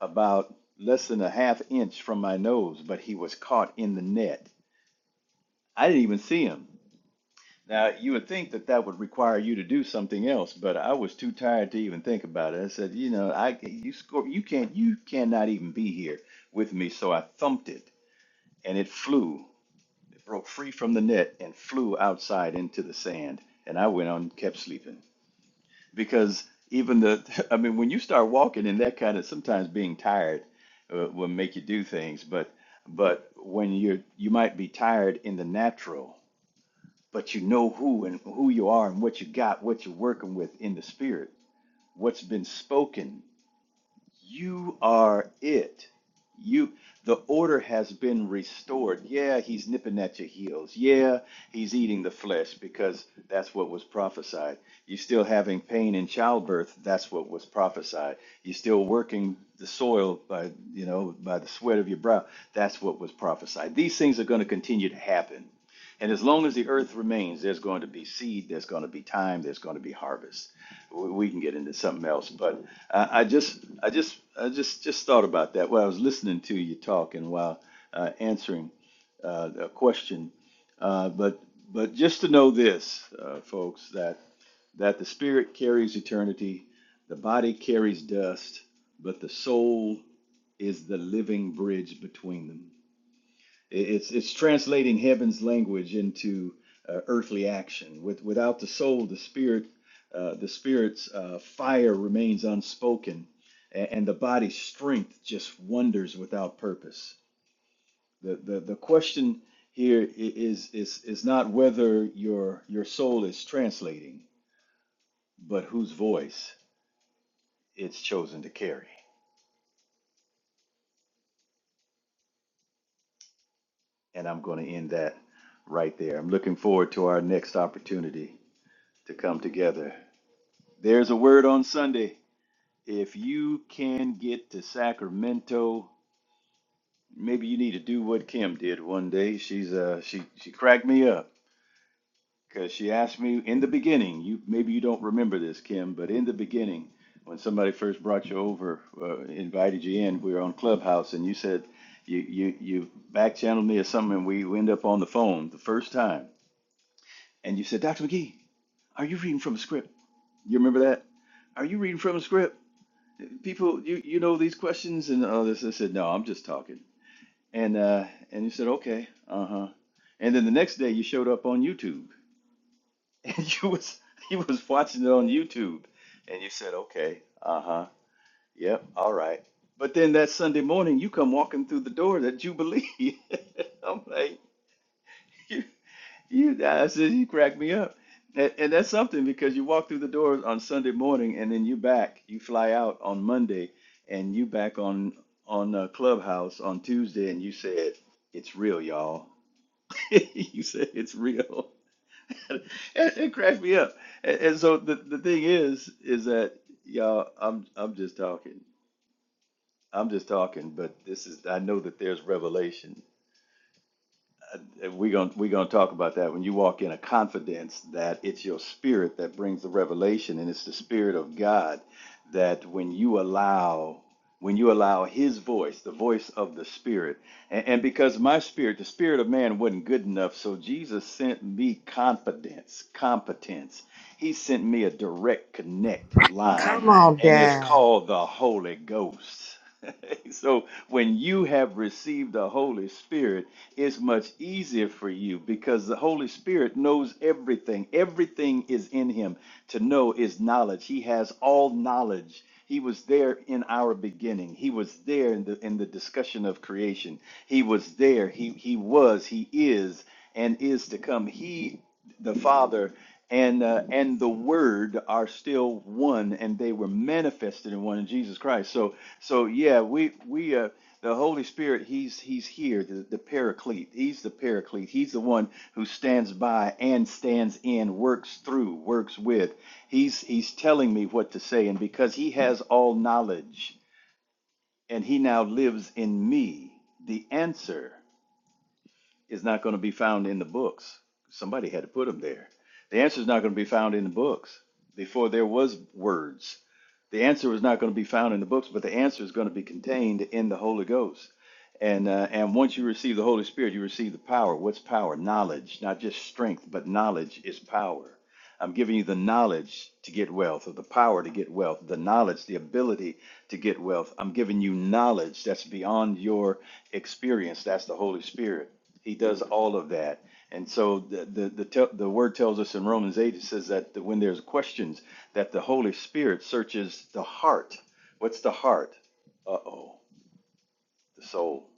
E: about less than a half inch from my nose, but he was caught in the net. I didn't even see him. Now, you would think that that would require you to do something else, but I was too tired to even think about it. I said, you know, I you score, you can't, you cannot even be here with me. So I thumped it, and it flew. It broke free from the net and flew outside into the sand. And I went on, and kept sleeping. because even the i mean when you start walking in that kind of sometimes being tired uh, will make you do things but but when you're you might be tired in the natural but you know who and who you are and what you got what you're working with in the spirit what's been spoken you are it. You the order has been restored. Yeah, he's nipping at your heels. Yeah, he's eating the flesh because that's what was prophesied. You're still having pain in childbirth, that's what was prophesied. You're still working the soil by you know by the sweat of your brow, that's what was prophesied. These things are going to continue to happen. And as long as the earth remains, there's going to be seed, there's going to be time, there's going to be harvest. We we can get into something else, but I, I just, I just, I just, just thought about that while I was listening to you talk and while uh, answering uh, a question. Uh, but, but just to know this, uh, folks, that that the spirit carries eternity, the body carries dust, but the soul is the living bridge between them. It's it's translating heaven's language into uh, earthly action. With without the soul, the spirit, uh, the spirit's uh, fire remains unspoken, and, and the body's strength just wanders without purpose. The the the question here i- is is is not whether your your soul is translating, but whose voice it's chosen to carry. And I'm going to end that right to, to come together. There's a word on Sunday. If you can get to Sacramento, maybe you need to do what Kim did one day. She's uh she she cracked me up because she asked me in the beginning. You maybe you don't remember this, Kim, but in the beginning, when somebody first brought you over, uh, invited you in, we were on Clubhouse, and you said you you you back channeled me or something, and we end up on the phone the first time, and you said, Dr. McGee, are you reading from a script? You remember that? Are you reading from a script? people you you know these questions and all this i said no i'm just talking and uh and you said okay uh-huh and then the next day you showed up on youtube and you was you was watching it on youtube and you said okay uh-huh yep all right but then that sunday morning you come walking through the door that jubilee i'm like You guys, you crack me up. And, and that's something because you walk through the doors on Sunday morning and then you back, you fly out on Monday and you back on on uh, Clubhouse on Tuesday and you said, it's real, y'all. You said it's real. and it cracked me up. And, and so the, the thing is, is that y'all, I'm I'm just talking. I'm just talking, but this is I know that there's revelation we're gonna we're gonna talk about that when you walk in a confidence that it's your spirit that brings the revelation and it's the spirit of god that when you allow when you allow his voice the voice of the spirit and, and because my spirit the spirit of man wasn't good enough so jesus sent me confidence competence he sent me a direct connect line
C: Come on,
E: and it's
C: Dad.
E: called the holy ghost so when you have received the holy spirit it's much easier for you because the Holy Spirit knows everything. Everything is in him. To know is knowledge. He has all knowledge. He was there in our beginning. He was there in the in the discussion of creation. He was there. He he was, he is and is to come. He the Father and uh, and the Word are still one, and they were manifested in one in Jesus Christ. So so yeah, we we uh, the Holy Spirit, he's he's here, the, the paraclete. He's the paraclete. He's the one who stands by and stands in, works through, works with. He's he's telling me what to say, and because he has all knowledge and he now lives in me, the answer is not going to be found in the books. Somebody had to put them there. The answer is not going to be found in the books. Before there was words, the answer was not going to be found in the books, but the answer is going to be contained in the Holy Ghost. And uh, and once you receive the Holy Spirit, you receive the power. What's power? Knowledge, not just strength, but knowledge is power. I'm giving you the knowledge to get wealth, or the power to get wealth, the knowledge, the ability to get wealth. I'm giving you knowledge that's beyond your experience. That's the Holy Spirit. He does all of that. And so the, the, the, tel- the word tells us in Romans 8, it says that when there's questions, that the Holy Spirit searches the heart. What's the heart? Uh oh, the soul.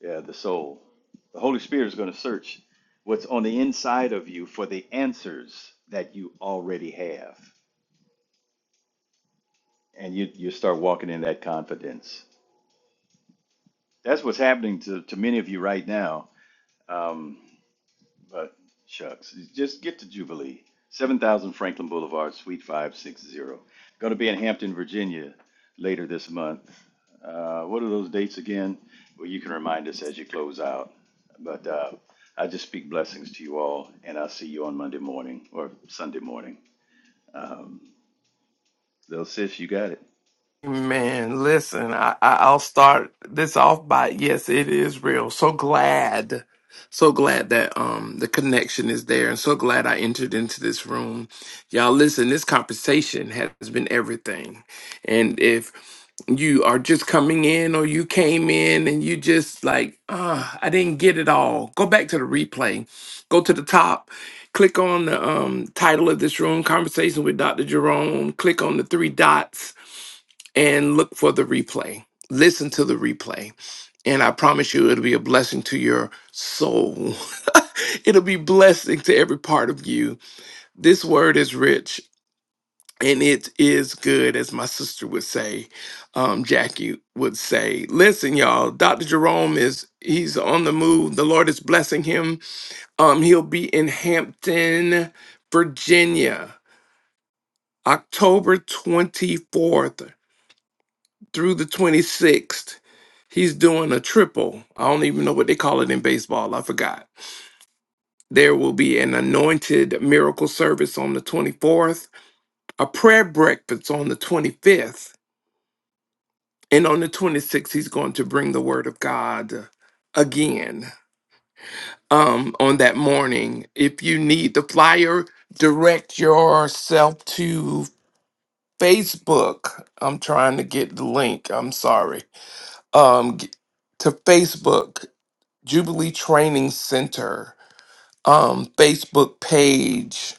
E: Yeah, the soul. The Holy Spirit is going to search what's on the inside of you for the answers that you already have. And you, you start walking in that confidence. That's what's happening to, to many of you right now. Um, But shucks, just get to Jubilee. 7000 Franklin Boulevard, Suite 560. Going to be in Hampton, Virginia later this month. Uh, what are those dates again? Well, you can remind us as you close out. But uh, I just speak blessings to you all, and I'll see you on Monday morning or Sunday morning. Um, little sis, you got it.
A: Man, listen, I, I- I'll start this off by yes, it is real. So glad, so glad that um the connection is there, and so glad I entered into this room. Y'all, listen, this conversation has been everything, and if you are just coming in or you came in and you just like ah i didn't get it all go back to the replay go to the top click on the um, title of this room conversation with dr jerome click on the three dots and look for the replay. Listen to the replay. And I promise you, it'll be a blessing to your soul. it'll be blessing to every part of you. This word is rich and it is good, as my sister would say, um, Jackie would say. Listen, y'all, Dr. Jerome is he's on the move. The Lord is blessing him. Um, he'll be in Hampton, Virginia, October 24th. through the 26th, he's doing a triple. I don't even know what they call it in baseball. I forgot. There will be an anointed miracle service on the 24th, a prayer breakfast on the 25th, and on the 26th, he's going to bring the word of God again um, on that morning. If you need the flyer, direct yourself to Facebook. I'm trying to get the link. I'm sorry. Um, g- to Facebook Jubilee Training Center um, Facebook page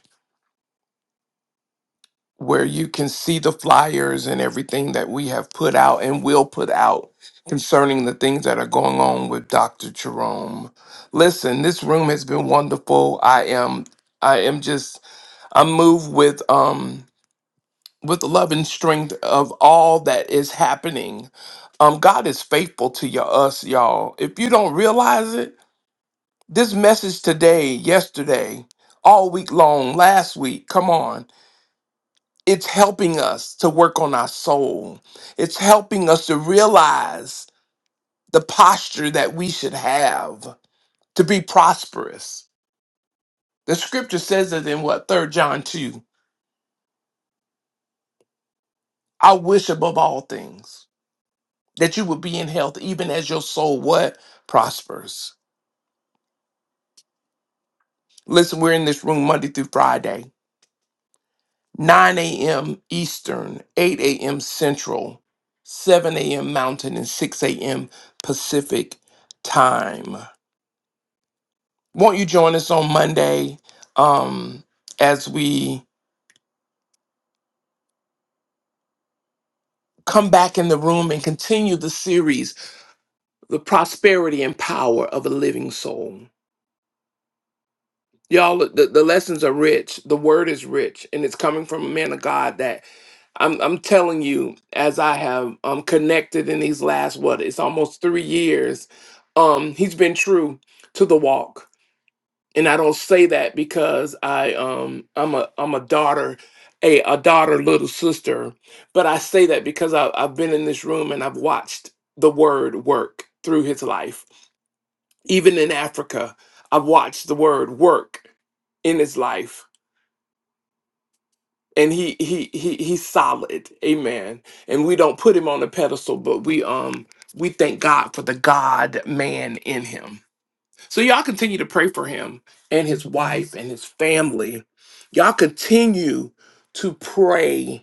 A: where you can see the flyers and everything that we have put out and will put out concerning the things that are going on with Dr. Jerome. Listen, this room has been wonderful. I am I am just I'm moved with um with the love and strength of all that is happening. Um God is faithful to your us, y'all. If you don't realize it, This message today, yesterday, all week long, last week, come on. It's helping us to work on our soul. It's helping us to realize the posture that we should have to be prosperous. The scripture says it in what? Third John 2. I wish above all things that you would be in health, even as your soul what? Prospers. Listen, we're in this room Monday through Friday 9 a.m. Eastern, 8 a.m. Central, 7 a.m. Mountain, and 6 a.m. Pacific time. Won't you join us on Monday um, as we come back in the room and continue the series, The Prosperity and Power of a Living Soul? Y'all, the, the lessons are rich, the word is rich, and it's coming from a man of God I'm I'm telling you, as I have um connected in these last what it's almost three years, um, he's been true to the walk. And I don't say that because I um I'm a I'm a daughter, a, a daughter little sister, but I say that because I, I've been in this room and I've watched the word work through his life. Even in Africa, I've watched the word work in his life and he he he he's solid amen and we don't put him on a pedestal but we um we thank god for the god man in him so y'all continue to pray for him and his wife and his family y'all continue to pray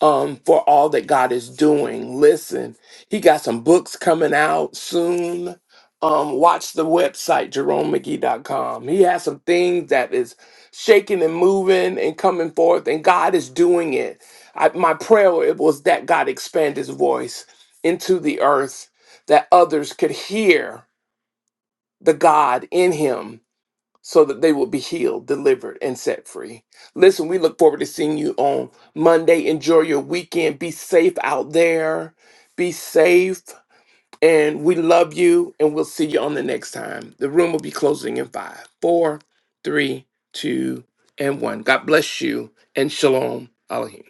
A: um, for all that God is doing. Listen, he got some books coming out soon. Um, watch the website, jeromemcgee.com. He has some things that is shaking and moving and coming forth, and God is doing it. I, my prayer it was that God expand his voice into the earth, that others could hear the God in him so that they will be healed, delivered, and set free. Listen, we look forward to seeing you on Monday. Enjoy your weekend. Be safe out there. Be safe. And we love you. And we'll see you on the next time. The room will be closing in five, four, three, two, and one. God bless you. And shalom. Alahim.